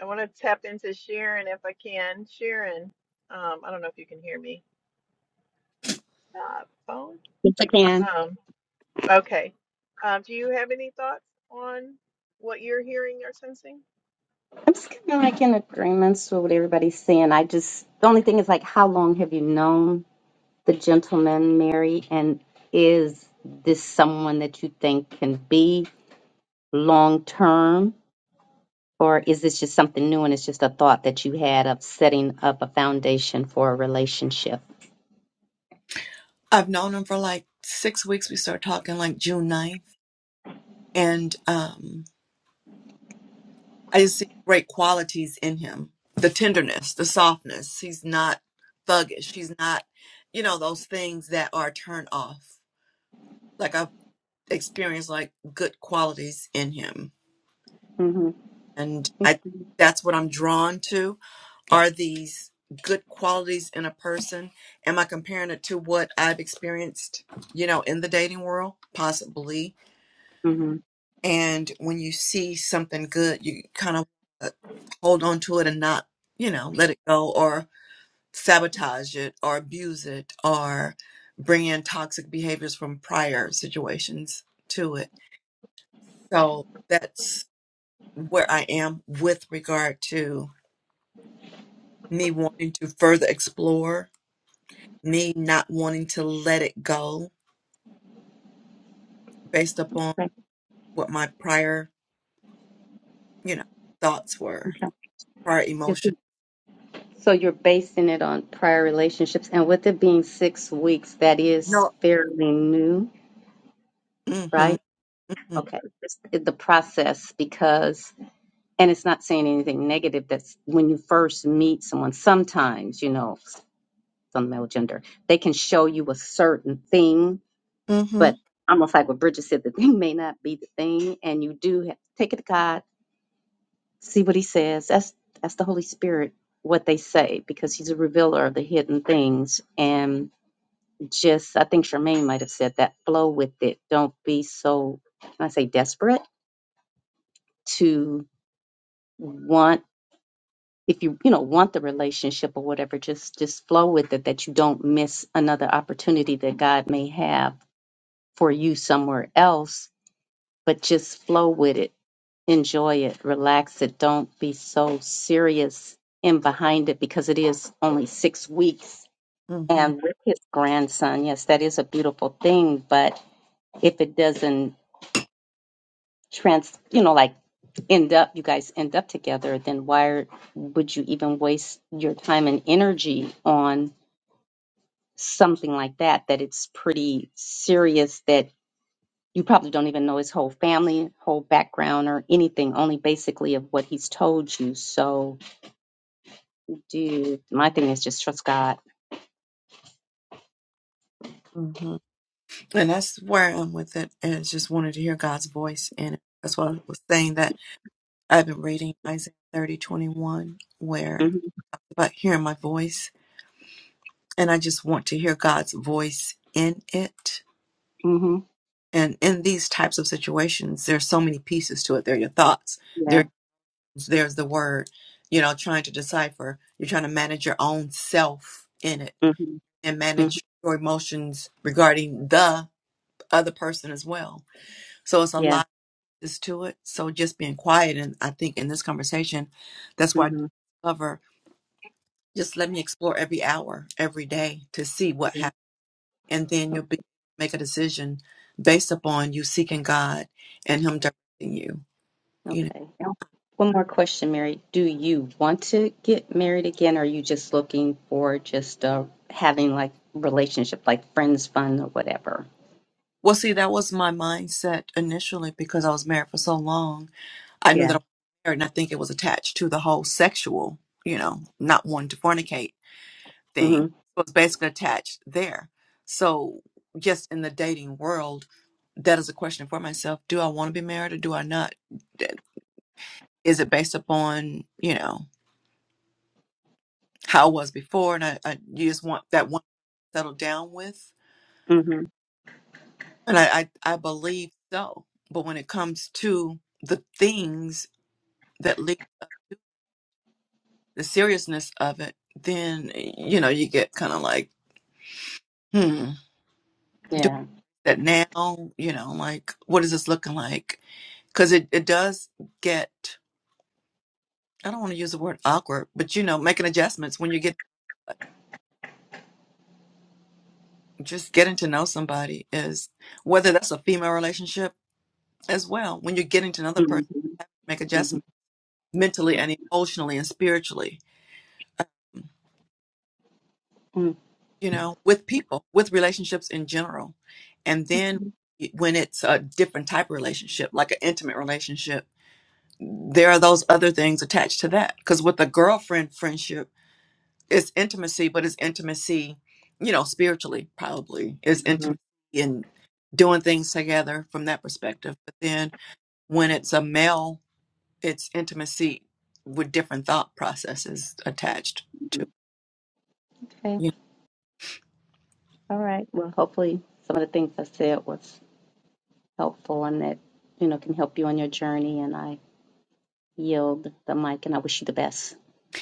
S1: I want to tap into Sharon if I can. Sharon, um, I don't know if you can hear me. Stop phone.
S4: Yes, I can.
S1: Um, Okay. Um, do you have any thoughts on what you're hearing or sensing?
S4: I'm just kind of like in agreements with what everybody's saying. I just, the only thing is like, how long have you known the gentleman, Mary? And is this someone that you can be long term? Or is this just something new and it's just a thought that you had of setting up a foundation for a relationship?
S2: I've known him for like six weeks. We started talking like June ninth, And um, I just see great qualities in him the tenderness, the softness. He's not thuggish. He's not, you know, those things that are turned off. Like I've experienced like good qualities in him.
S4: hmm
S2: And I that's what I'm drawn to Are these good qualities in a person? Am I comparing it to what I've experienced, you know, in the dating world? Possibly.
S4: hmm
S2: And when you see something good, you kind of uh, hold on to it and not, you know, let it go or sabotage it or abuse it or bring in toxic behaviors from prior situations to it. So that's where I am with regard to me wanting to further explore me not wanting to let it go based upon
S4: Right.
S2: what my prior, you know, thoughts were,
S4: Okay.
S2: prior
S4: Yes.
S2: emotions.
S4: So you're basing it on prior relationships, and with it being six weeks, that is
S2: No.
S4: fairly new,
S2: Mm-hmm.
S4: right? Okay. It's it- the process because, and it's not saying anything negative. That's when you first meet someone. Sometimes, you know, some male gender, they can show you a certain thing
S2: Mm-hmm.
S4: But almost like what Bridget said, the thing may not be the thing, and you do have to take it to God, see what He says. That's that's the Holy Spirit, what they say, because He's a revealer of the hidden things. And just, I think Charmaine might have said that. Flow with it. Don't be so, can I say, desperate to want. If you you know want the relationship or whatever, just just flow with it. That you don't miss another opportunity that God may have for you somewhere else but just flow with it. Enjoy it, relax it. Don't be so serious and behind it because it is only six weeks.
S2: Mm-hmm.
S4: And with his grandson, yes, that is a beautiful thing. But if it doesn't trans, you know, like end up, you guys end up together, then why would you even waste your time and energy on something like that? That it's pretty serious that you probably don't even know his whole family, whole background, or anything, only basically of what he's told you. So, dude, my thing is just trust God.
S2: Mm-hmm. And that's where I'm with it. And it's just wanted to hear God's voice in it. That's why I was saying that I've been reading Isaiah 30:21, where
S4: hmm
S2: about hearing my voice. And I just want to hear God's voice in it.
S4: hmm
S2: And in these types of situations, there's so many pieces to it. There are your thoughts
S4: Yeah.
S2: there's the word you know trying to decipher you're trying to manage your own self in it
S4: hmm
S2: and
S4: hmm
S2: manage your emotions regarding the other person as well so it's a
S4: Yeah.
S2: lot is to it so just being quiet and i think in this conversation that's why i
S4: hmm
S2: discover just let me explore every hour every day to see what happens and then you'll be make a decision based upon you seeking god and him directing you you know
S4: Okay. Now, One more question, Mary. Do you want to get married again, or are you just looking for just uh, having like relationship, like friends fun or whatever?
S2: well see that was my mindset initially because i was married for so long I knew that
S4: Yeah.
S2: I was married, and I think it was attached to the whole sexual, you know, not wanting to fornicate thing.
S4: Mhm.
S2: It was basically attached there. So, just in the dating world, that is a question for myself: Do I want to be married or do I not? That- Is it based upon you know how I was before, and I, I you just want that one to settle down with?
S4: Mhm.
S2: And I, I I believe so. But when it comes to the things that lead the seriousness of it, then you know you get kind of like hmm, doing
S4: Yeah.
S2: that now, you know, like, what is this looking like? Because it, it does get, I don't want to use the word awkward, but, you know, making adjustments when you get, uh, just getting to know somebody is, whether that's a female relationship as well, when you're getting to another
S4: Mhm.
S2: person, you have to make
S4: Mhm.
S2: adjustments mentally and emotionally and spiritually,
S4: Mhm.
S2: you know, with people, with relationships in general. And then when it's a different type of relationship, like an intimate relationship, there are those other things attached to that. Because with a girlfriend friendship, it's intimacy, but it's intimacy, you know, spiritually probably is
S4: Mhm.
S2: intimacy in doing things together from that perspective. But then when it's a male, it's intimacy with different thought processes attached to.
S4: Mhm. Okay. All right. Well, hopefully some of the things I said was helpful and that you know can help you on your journey. And I yield the mic, and I wish you the best.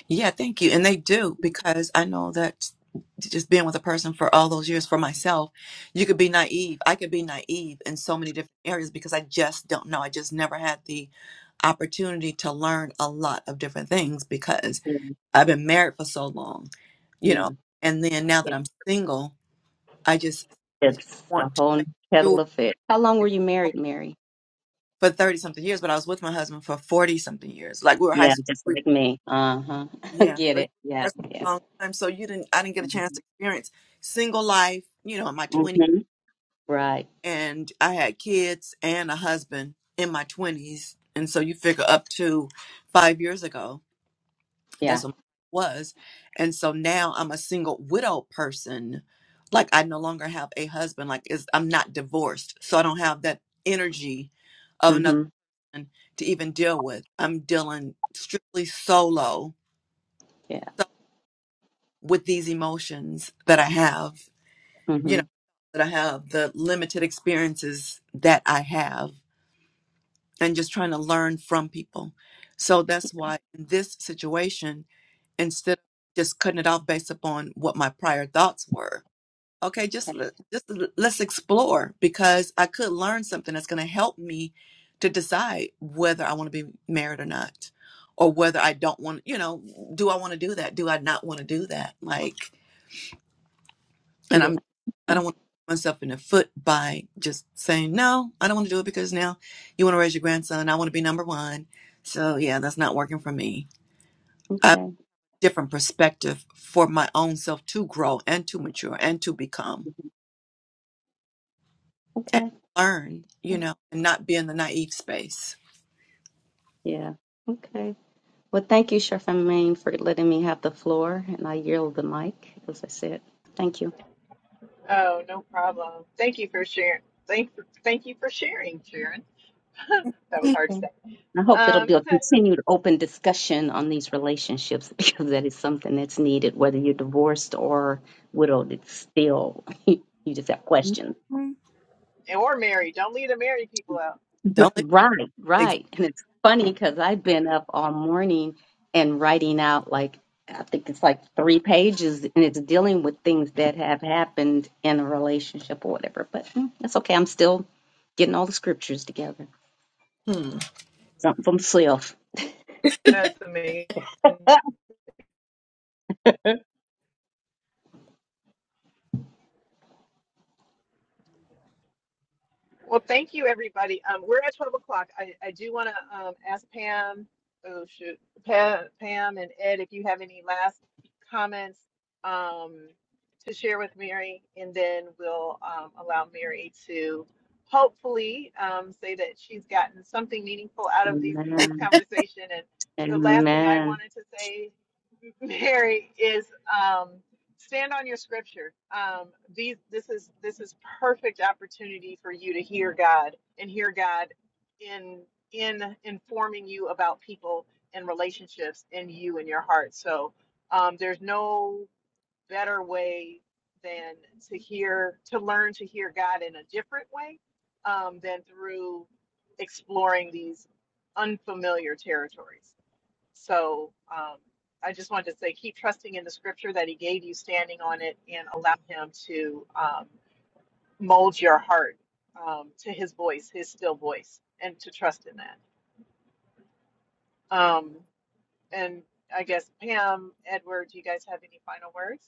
S2: Yeah, thank you. And they do because I know that just being with a person for all those years for myself, you could be naive. I could be naive in so many different areas because I just don't know. I just never had the opportunity to learn a lot of different things because
S4: Yeah.
S2: I've been married for so long, you
S4: yeah.
S2: know. And then now that
S4: It,
S2: I'm single, I just
S4: it's a
S2: want to
S4: whole
S2: make sure
S4: kettle of fish. How long were you married, Mary?
S2: for 30 something years, but I was with my husband for 40 something years. Like we were high
S4: Yeah,
S2: school.
S4: just like me. Uh-huh.
S2: Yeah.
S4: Get
S2: So you
S4: it.
S2: were a
S4: Yeah,
S2: person
S4: yeah.
S2: for a long time. So you didn't I didn't get a chance to experience single life, you know, in my twenties
S4: Mm-hmm. Right.
S2: and I had kids and a husband in my twenties. And so you figure up to five years ago,
S4: Yeah.
S2: that's what mine was. And so now I'm a single widow person. Like I no longer have a husband. Like is I'm not divorced. So I don't have that energy of another
S4: Mm-hmm.
S2: person to even deal with. I'm dealing strictly solo
S4: Yeah.
S2: with these emotions that I have, you
S4: Mm-hmm.
S2: know, that I have, the limited experiences that I have, and just trying to learn from people. So that's why in this situation, instead of just cutting it off based upon what my prior thoughts were, okay, just
S4: Okay.
S2: let- just l- let's explore because I could learn something that's going to help me to decide whether I want to be married or not, or whether I don't want, you know, do I want to do that? Do I not want to do that? Like and I'm
S4: Yeah.
S2: I don't
S4: Okay.
S2: want to shoot myself in the foot by just saying no. I don't want to do it because now you want to raise your grandson. I want to be number one. So yeah, that's not working for me. I have
S4: Okay.
S2: a different perspective for my own self to grow and to mature and to become
S4: Mhm.
S2: and
S4: Okay.
S2: learn. You know, and not be in the naive space.
S4: Yeah. Okay. Well, thank you, Sheriff Maine, for letting me have the floor, and I yield the mic, as I said. Thank you.
S1: Oh, no problem. Thank you for sharing. Thank, thank you for sharing, Sharon. That was hard to
S4: Okay.
S1: say.
S4: I hope it'll
S1: Um,
S4: be a continued open discussion on these relationships because that is something that's needed, whether you're divorced or widowed. It's still you just have questions
S2: Mhm.
S1: or Mary. Don't leave the Mary people out.
S4: R-
S2: Don't let
S4: Right,
S2: ex-
S4: right. And it's funny because I've been up all morning and writing out like, I think it's like three pages and it's dealing with things that have happened in a relationship or whatever. But mm, that's okay. I'm still getting all the scriptures together.
S2: hmm.
S4: Something for myself.
S1: That's amazing. Well, thank you, everybody. Um, we're at 12 o'clock. I, I do want to um, ask Pam, oh shoot, Pam, Pam and Ed, if you have any last comments um, to share with Mary, and then we'll um, allow Mary to hopefully um, say that she's gotten something meaningful out of these, this
S4: Amen.
S1: conversation. And the last thing I
S4: Amen.
S1: wanted to say Mary is um, stand on your scripture. Um, these this is this is perfect opportunity for you to hear God and hear God in in informing you about people and relationships and you and your heart. So um, there's no better way than to hear to learn to hear God in a different way um, than through exploring these unfamiliar territories. So um, I just wanted to say, keep trusting in the scripture that He gave you, standing on it, and allow Him to um, mold your heart um, to His voice, His still voice, and to trust in that. Um, and I guess Pam, Edward, do you guys have any final words?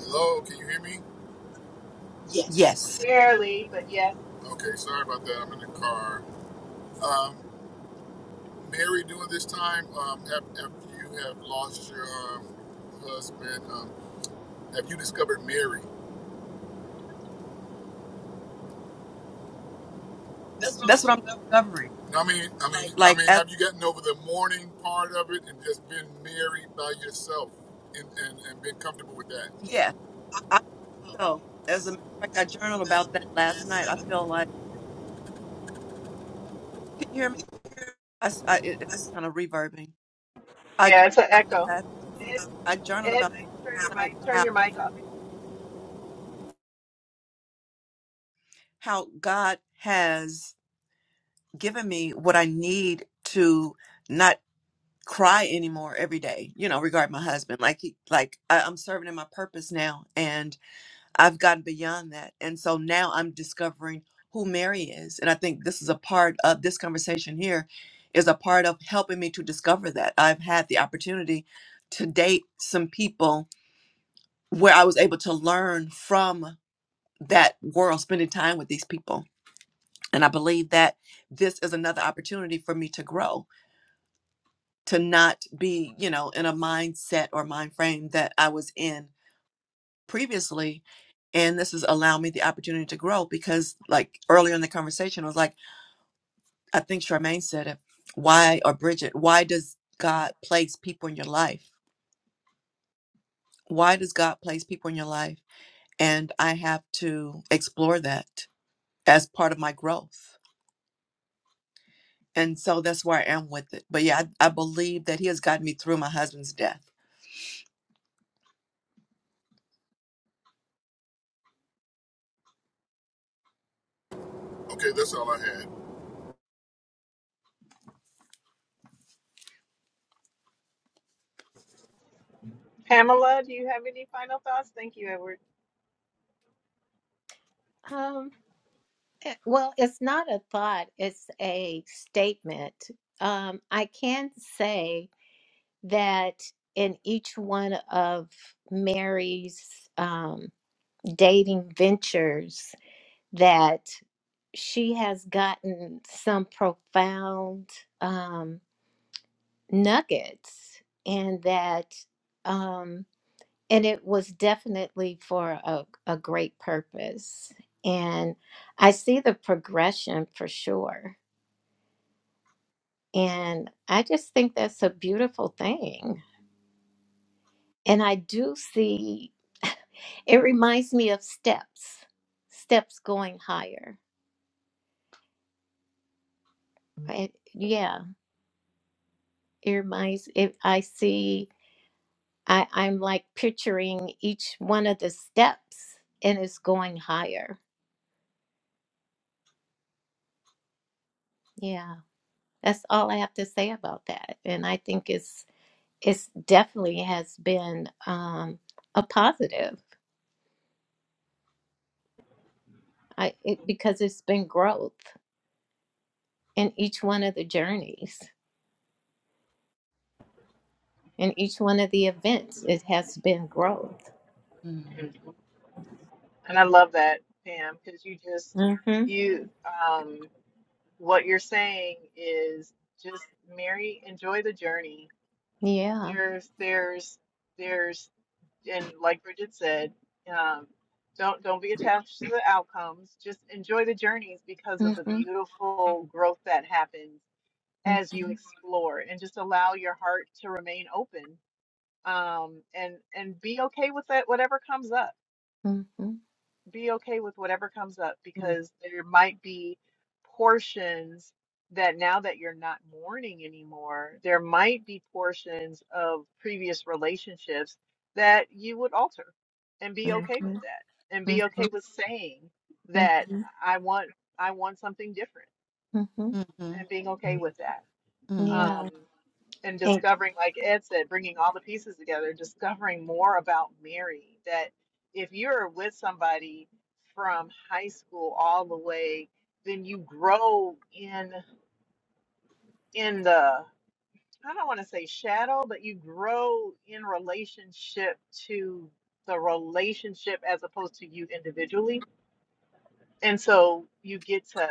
S7: Hello, can you hear me? Yes.
S2: yes.
S1: Barely,
S7: Barely,
S1: but
S7: but yeah.
S1: yes.
S7: Okay, sorry about that. I'm in the car. Um, Mary, during this time, um, af- after you have lost your um, husband, um, have you discovered Mary? That's what I'm
S2: That's what I'm discovering.
S7: I mean, I Like mean, Like, I
S2: Like
S7: mean,
S2: as
S7: have you gotten over the mourning part of it and just been married by yourself and, and, and been comfortable with that? Yeah.
S2: yes,
S7: I,
S2: I
S7: um,
S2: feel as a
S7: that's
S2: matter of fact,
S7: I
S2: I journaled
S7: dreamed
S2: about
S7: about
S2: that
S7: it
S2: last
S7: last
S2: night.
S7: night.
S2: I
S7: I
S2: feel
S7: feel like
S2: like can you hear me? I, s- I- it, it's
S7: I said,
S2: kind of reverbing. I
S1: Yeah,
S2: journaled
S1: it's an
S2: about the
S1: echo.
S2: last,
S7: It's um,
S2: I journaled
S1: Ed,
S2: about
S7: it's true,
S2: tonight
S7: right?
S1: turn
S2: how
S1: your mic off.
S2: how God has given me what I need to not cry anymore every day. You know, regarding my husband, like he, like I, I'm serving in my purpose now, and I've gotten beyond that, and so now I'm discovering who Mary is, and I think this is a part of this conversation here is a part of helping me to discover that I've had the opportunity to date some people where I was able to learn from that world, spending time with these people. And I believe that this is another opportunity for me to grow, to not be, you know, in a mindset or mind frame that I was in previously. And this has allowed me the opportunity to grow because, like earlier in the conversation, I was like, I think Charmaine said it. Why, or Bridget, why does God place people in your life? Why does God place people in your life? And I have to explore that as part of my growth And so that's where I am with it. But yeah, I, I believe that he has gotten me through my husband's death.
S7: Okay, that's all I had.
S1: Pamela, do you have any final thoughts? Thank you, Edward.
S6: Um, eh, well, it's not a thought, it's a statement. Um, I can say that in each one of Mary's um, dating ventures that she has gotten some profound um, nuggets and that um, and it was definitely for a, a great purpose and i see the progression for sure and i just think that's a beautiful thing and i do see it reminds me of steps steps going higher right yeah it reminds it i see i i'm like picturing each one of the steps and it's going higher yeah that's all i have to say about that and i think it's it's definitely has been um, a positive I, it, because it's been growth in each one of the journeys in each one of the events it has been growth
S2: Mm.
S1: And I love that, Pam, because you just
S6: hmm
S1: you um what you're saying is just Mary, enjoy the journey.
S6: yeah
S1: There's there's there's and like Bridget said, um, don't don't be attached to the outcomes. Just enjoy the journeys because
S6: hmm
S1: of the
S6: hmm
S1: beautiful growth that happens as you explore, and just allow your heart to remain open um, and and be okay with that whatever comes up
S6: hmm hmm
S1: be okay with whatever comes up because there might be portions that now that you're not mourning anymore, there might be portions of previous relationships that you would alter and be okay with that and
S6: hmm
S1: be okay with saying that I want I want something different
S6: hmm hmm
S2: Mm-hmm.
S1: and being okay with that.
S2: Mm-hmm.
S6: yeah
S1: Um, and
S6: and,
S1: discovering, like Ed said, bringing all the pieces together, discovering more about Mary. That if you're with somebody from high school all the way, then you grow in in the I don't want to say shadow, but you grow in relationship to the relationship as opposed to you individually. And so you get to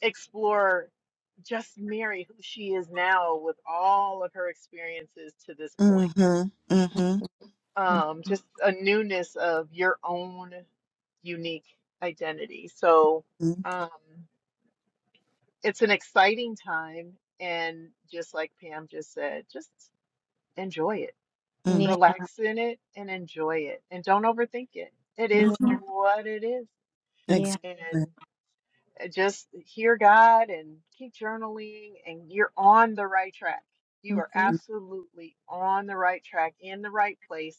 S1: explore just Mary, who she is now with all of her experiences to this point
S2: Mm-hmm. Mm-hmm.
S1: um,
S6: mhm.
S1: just a newness of your own unique identity. So um, it's an exciting time. And just like Pam just said, just enjoy it,
S2: Mm-hmm.
S6: yeah
S1: relax in it, and enjoy it. And don't overthink it. It is
S6: yeah
S2: mm-hmm.
S1: what it is.
S6: yeah
S2: Exactly.
S1: Uh, Just hear God and keep journaling, and you're on the right track. You are
S6: hmm
S2: Mm-hmm.
S1: absolutely on the right track, in the right place,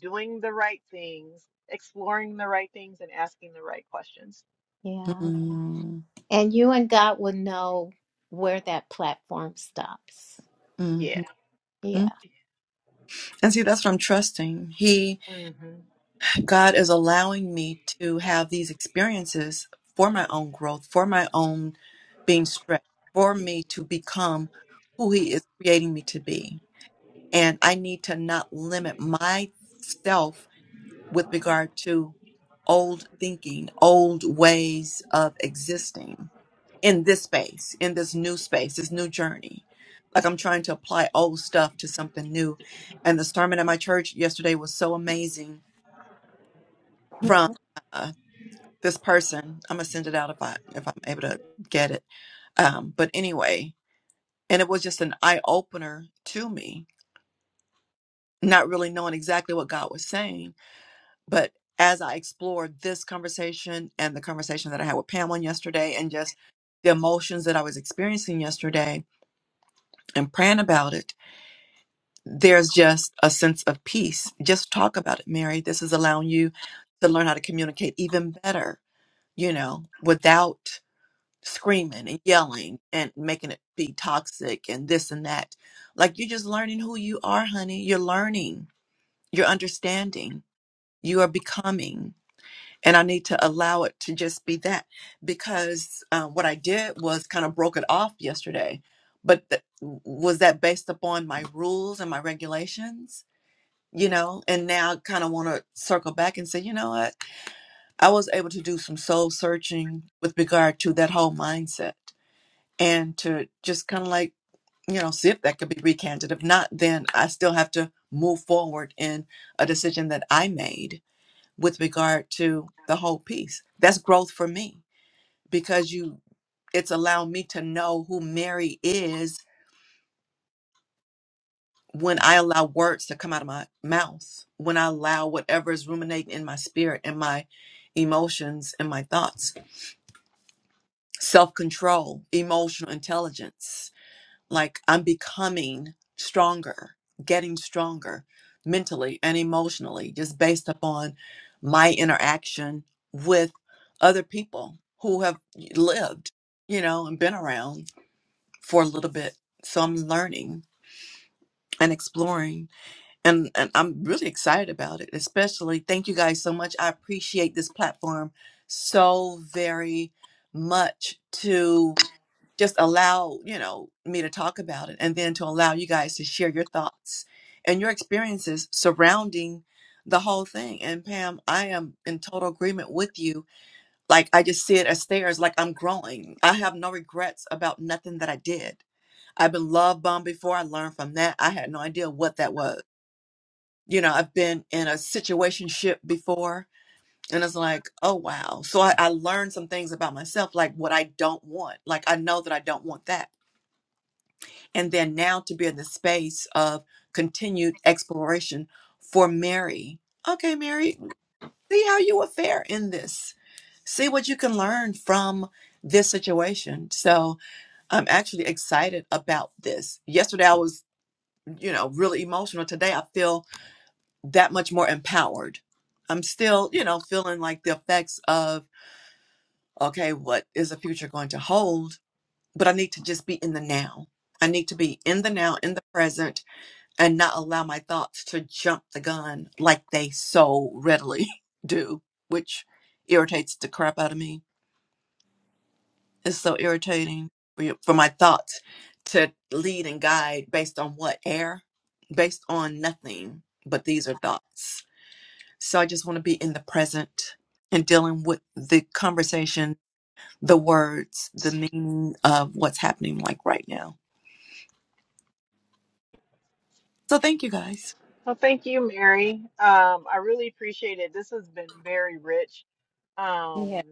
S1: doing the right things, exploring the right things, and asking the right questions.
S6: yeah
S2: Mm-hmm.
S6: and you and god will know where that platform stops
S1: Yeah.
S2: mm-hmm.
S6: yeah
S2: And see, that's what I'm trusting. He,
S1: hmm
S2: God is allowing me to have these experiences for my own growth, for my own being stretched, for me to become who He is creating me to be. And I need to not limit myself with regard to old thinking, old ways of existing in this space, in this new space, this new journey. Like I'm trying to apply old stuff to something new. And the sermon at my church yesterday was so amazing from uh, this person. I'm gonna send it out if I if I'm able to get it. Um, but anyway, and it was just an eye opener to me, not really knowing exactly what God was saying but as I explored this conversation and the conversation that I had with Pamela yesterday and just the emotions that I was experiencing yesterday and praying about it, there's just a sense of peace. Just talk about it, Mary. This is allowing you to learn how to communicate even better, you know, without screaming and yelling and making it be toxic and this and that. Like you're just learning who you are, honey. You're learning, you're understanding, you are becoming. and I need to allow it to just be that because uh, what I did was kind of broke it off yesterday. But th- was that based upon my rules and my regulations? You know, and now kind of want to circle back and say, you know what? I was able to do some soul searching with regard to that whole mindset and to just kind of like, you know, see if that could be recanted. If not, then I still have to move forward in a decision that I made with regard to the whole piece. That's growth for me because you it's allowed me to know who Mary is when I allow words to come out of my mouth, when I allow whatever is ruminating in my spirit and my emotions and my thoughts. Self-control, emotional intelligence, like I'm becoming stronger, getting stronger mentally and emotionally, just based upon my interaction with other people who have lived, you know, and been around for a little bit. So I'm learning and exploring and, and I'm really excited about it, especially thank you guys so much. I appreciate this platform so very much To just allow you know me to talk about it and then to allow you guys to share your thoughts and your experiences surrounding the whole thing and pam i am in total agreement with you like i just see it as stairs like i'm growing i have no regrets about nothing that i did i've been love bombed before i learned from that i had no idea what that was you know i've been in a situation ship before and it's like oh wow so I, I learned some things about myself like what i don't want like i know that i don't want that and then now to be in the space of continued exploration for Mary. Okay, Mary, see how you will fare in this. See what you can learn from this situation. So I'm actually excited about this. Yesterday I was, you know, really emotional. Today I feel that much more empowered. I'm still, you know, feeling like the effects of, okay, what is the future going to hold? But I need to just be in the now. I need to be in the now, in the present, and not allow my thoughts to jump the gun like they so readily do, which irritates the crap out of me. It's so irritating for your- for my thoughts to lead and guide based on what air, based on nothing, but these are thoughts. So I just want to be in the present and dealing with the conversation, the words, the meaning of what's happening like right now. So thank you guys.
S1: Well, thank you, Mary. Um, I really appreciate it. This has been very rich, um,
S6: yeah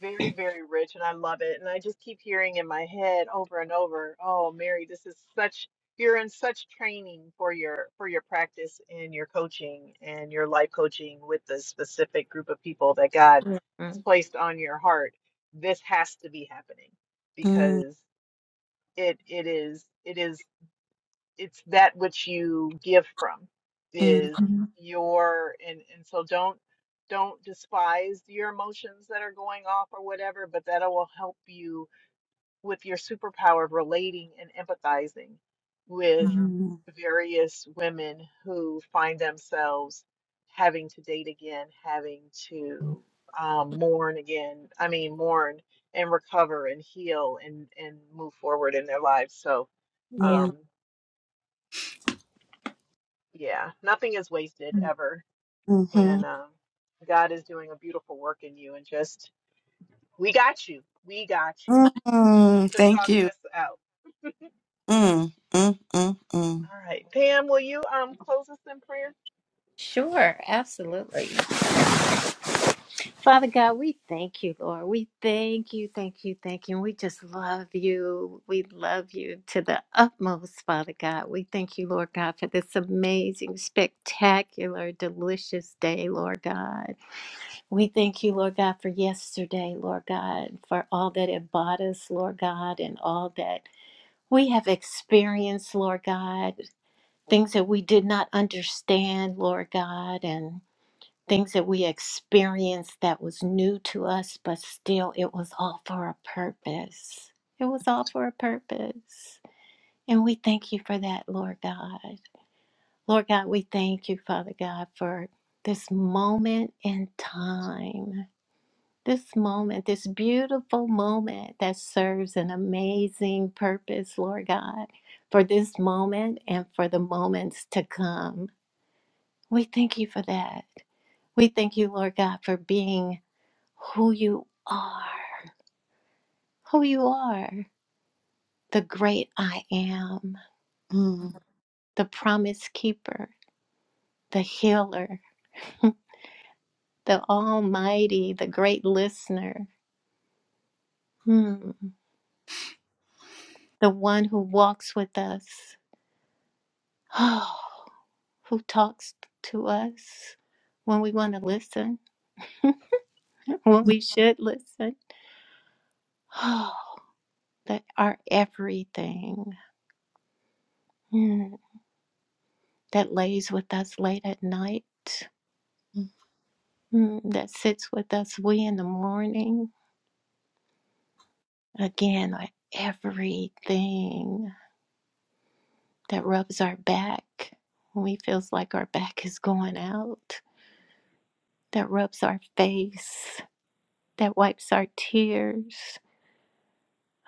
S1: very, very rich, and I love it. And I just keep hearing in my head over and over, "Oh, Mary, this is such you're in such training for your for your practice and your coaching and your life coaching with the specific group of people that God has
S6: Mhm.
S1: placed on your heart. This has to be happening
S2: Mm,
S1: because it it is it is." it's that which you give from is
S2: mhm,
S1: your and and so don't don't despise your emotions that are going off or whatever but that will help you with your superpower of relating and empathizing with
S2: mhm,
S1: various women who find themselves having to date again having to um, mourn again i mean mourn and recover and heal and and move forward in their lives so
S6: Yeah.
S2: mhm,
S1: um Yeah, nothing is wasted ever.
S2: mhm.
S1: And um, God is doing a beautiful work in you. And just, we got you. We got you
S2: Mm,
S1: to
S2: thank
S1: talk
S2: you.
S1: this out.
S2: Mm, mm, mm, mm,
S1: All right. Pam, will you um close us in prayer?
S6: Sure, absolutely. Father God, we thank you, Lord. We thank you, thank you, thank you. And we just love you. We love you to the utmost, Father God. We thank you, Lord God, for this amazing, spectacular, delicious day, Lord God. We thank you, Lord God, for yesterday, Lord God, for all that it bought us, Lord God, and all that we have experienced, Lord God. Things that we did not understand, Lord God, and. things that we experienced that was new to us, but still it was all for a purpose. It was all for a purpose. And we thank you for that, Lord God. Lord God, we thank you, Father God, for this moment in time. This moment, this beautiful moment that serves an amazing purpose, Lord God, for this moment and for the moments to come. We thank you for that. We thank you, Lord God, for being who you are, who you are, the great I am,
S2: mm,
S6: the promise keeper, the healer, the almighty, the great listener, hmm, the one who walks with us, oh, who talks to us when we want to listen, when we should listen, oh, that are everything. hmm, That lays with us late at night,
S2: mm,
S6: hmm, that sits with us we in the morning, again like everything that rubs our back when we feels like our back is going out that rubs our face that wipes our tears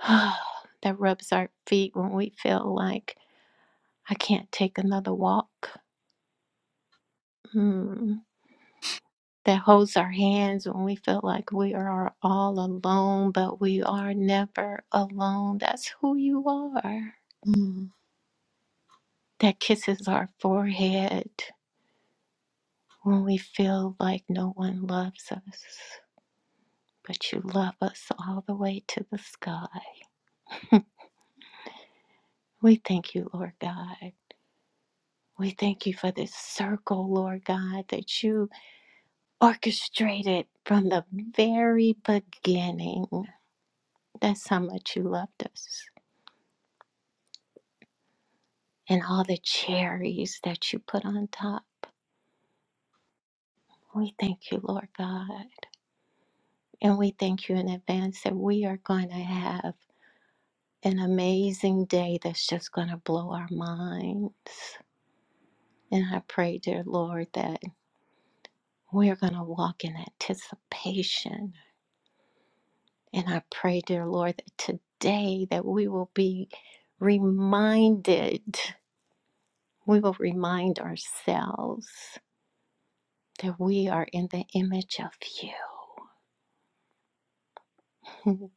S6: that rubs our feet when we feel like i can't take another walk Hmm. that holds our hands when we feel like we are all alone but we are never alone that's who you are
S2: mm,
S6: that kisses our forehead when we feel like no one loves us, but you love us all the way to the sky. We thank you, Lord God. We thank you for this circle, Lord God, that you orchestrated from the very beginning. That's how much you loved us. And all the cherries that you put on top. We thank you, Lord God. And we thank you in advance that we are going to have an amazing day that's just going to blow our minds. And I pray, dear Lord, that we're going to walk in anticipation. And I pray, dear Lord, that today that we will be reminded, we will remind ourselves that we are in the image of you.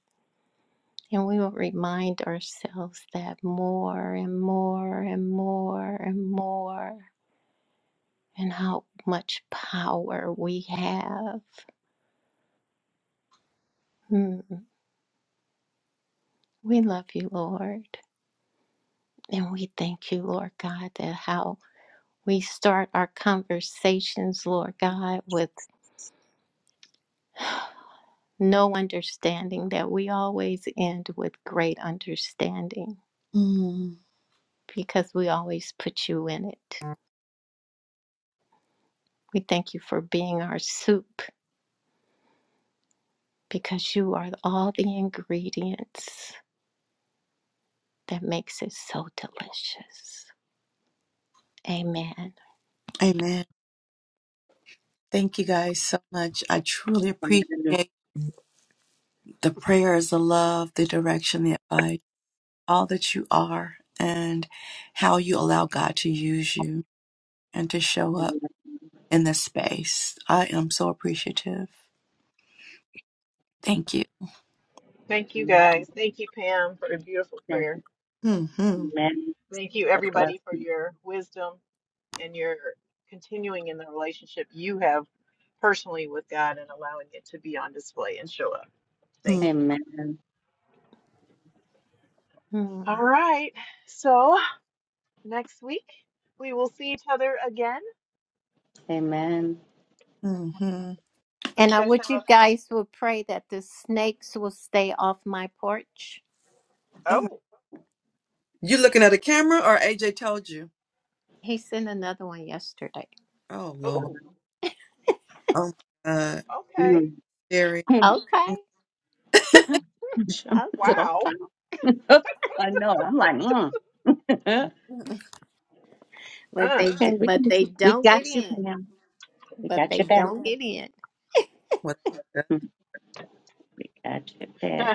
S6: and we will remind ourselves that more and more and more and more and how much power we have. Hmm. We love you, Lord. And we thank you, Lord God, that how we start our conversations, Lord God, with no understanding, that we always end with great understanding
S2: mm.
S6: because we always put you in it. We thank you for being our soup because you are all the ingredients that makes it so delicious. Amen.
S2: Amen. Thank you guys so much. I truly appreciate
S4: Amen.
S2: the prayers, the love, the direction, the advice, all that you are, and how you allow God to use you and to show up in this space. I am so appreciative. Thank you.
S1: Thank you
S4: Amen.
S1: guys. Thank you, Pam, for the beautiful
S4: Thank
S1: prayer.
S4: you.
S2: Mm-hmm.
S4: Amen.
S1: Thank you,
S4: What a
S1: everybody, for
S4: blessing.
S1: your wisdom and your continuing in the relationship you have personally with God and allowing it to be on display and show up. Thank you.
S4: Amen.
S6: Mm-hmm.
S1: All right. So next week, we will see each other again
S4: Amen.
S2: Mm-hmm.
S1: So
S6: And
S1: you
S6: I
S1: guys have
S6: wish you
S1: a
S6: guys would pray that the snakes will stay off my porch.
S2: Oh, my-
S1: oh
S2: you looking at a camera or AJ told you?
S6: He sent another one yesterday.
S2: Oh, Lord.
S1: oh
S2: Oh, my God.
S1: okay
S4: Mm.
S2: Scary.
S6: Okay. Okay.
S4: Did I
S1: wow
S4: try? I know. I'm like, mm.
S6: But
S1: uh,
S6: they
S4: okay,
S6: d-
S4: we can,
S6: but they
S4: we
S6: don't
S4: got
S6: get
S4: you for
S6: in.
S4: now. We
S6: But
S4: got
S6: they
S4: your back.
S6: don't get in.
S2: What?
S4: We got your back.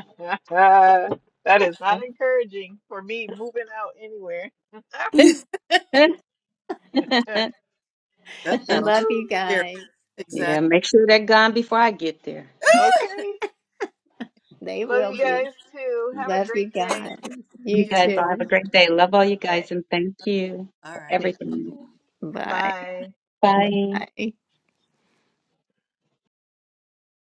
S1: that is not encouraging for me moving out anywhere.
S4: Okay.
S1: Woo.
S2: That sounds
S6: Love you
S2: scary.
S6: guys.
S4: yeah,
S2: Exactly.
S4: make sure they're gone before I get there.
S1: okay,
S6: They
S1: love
S6: will
S1: you
S6: be.
S1: guys too. Have a
S6: Love you
S1: great day.
S6: guys.
S4: You
S6: You
S2: You.
S4: guys all have a
S6: too.
S4: great day. Love all you
S1: Okay,
S4: guys and thank you
S2: All
S4: for
S2: right.
S1: thank
S4: everything.
S1: you.
S6: Bye.
S1: Bye.
S4: Bye.
S6: Bye.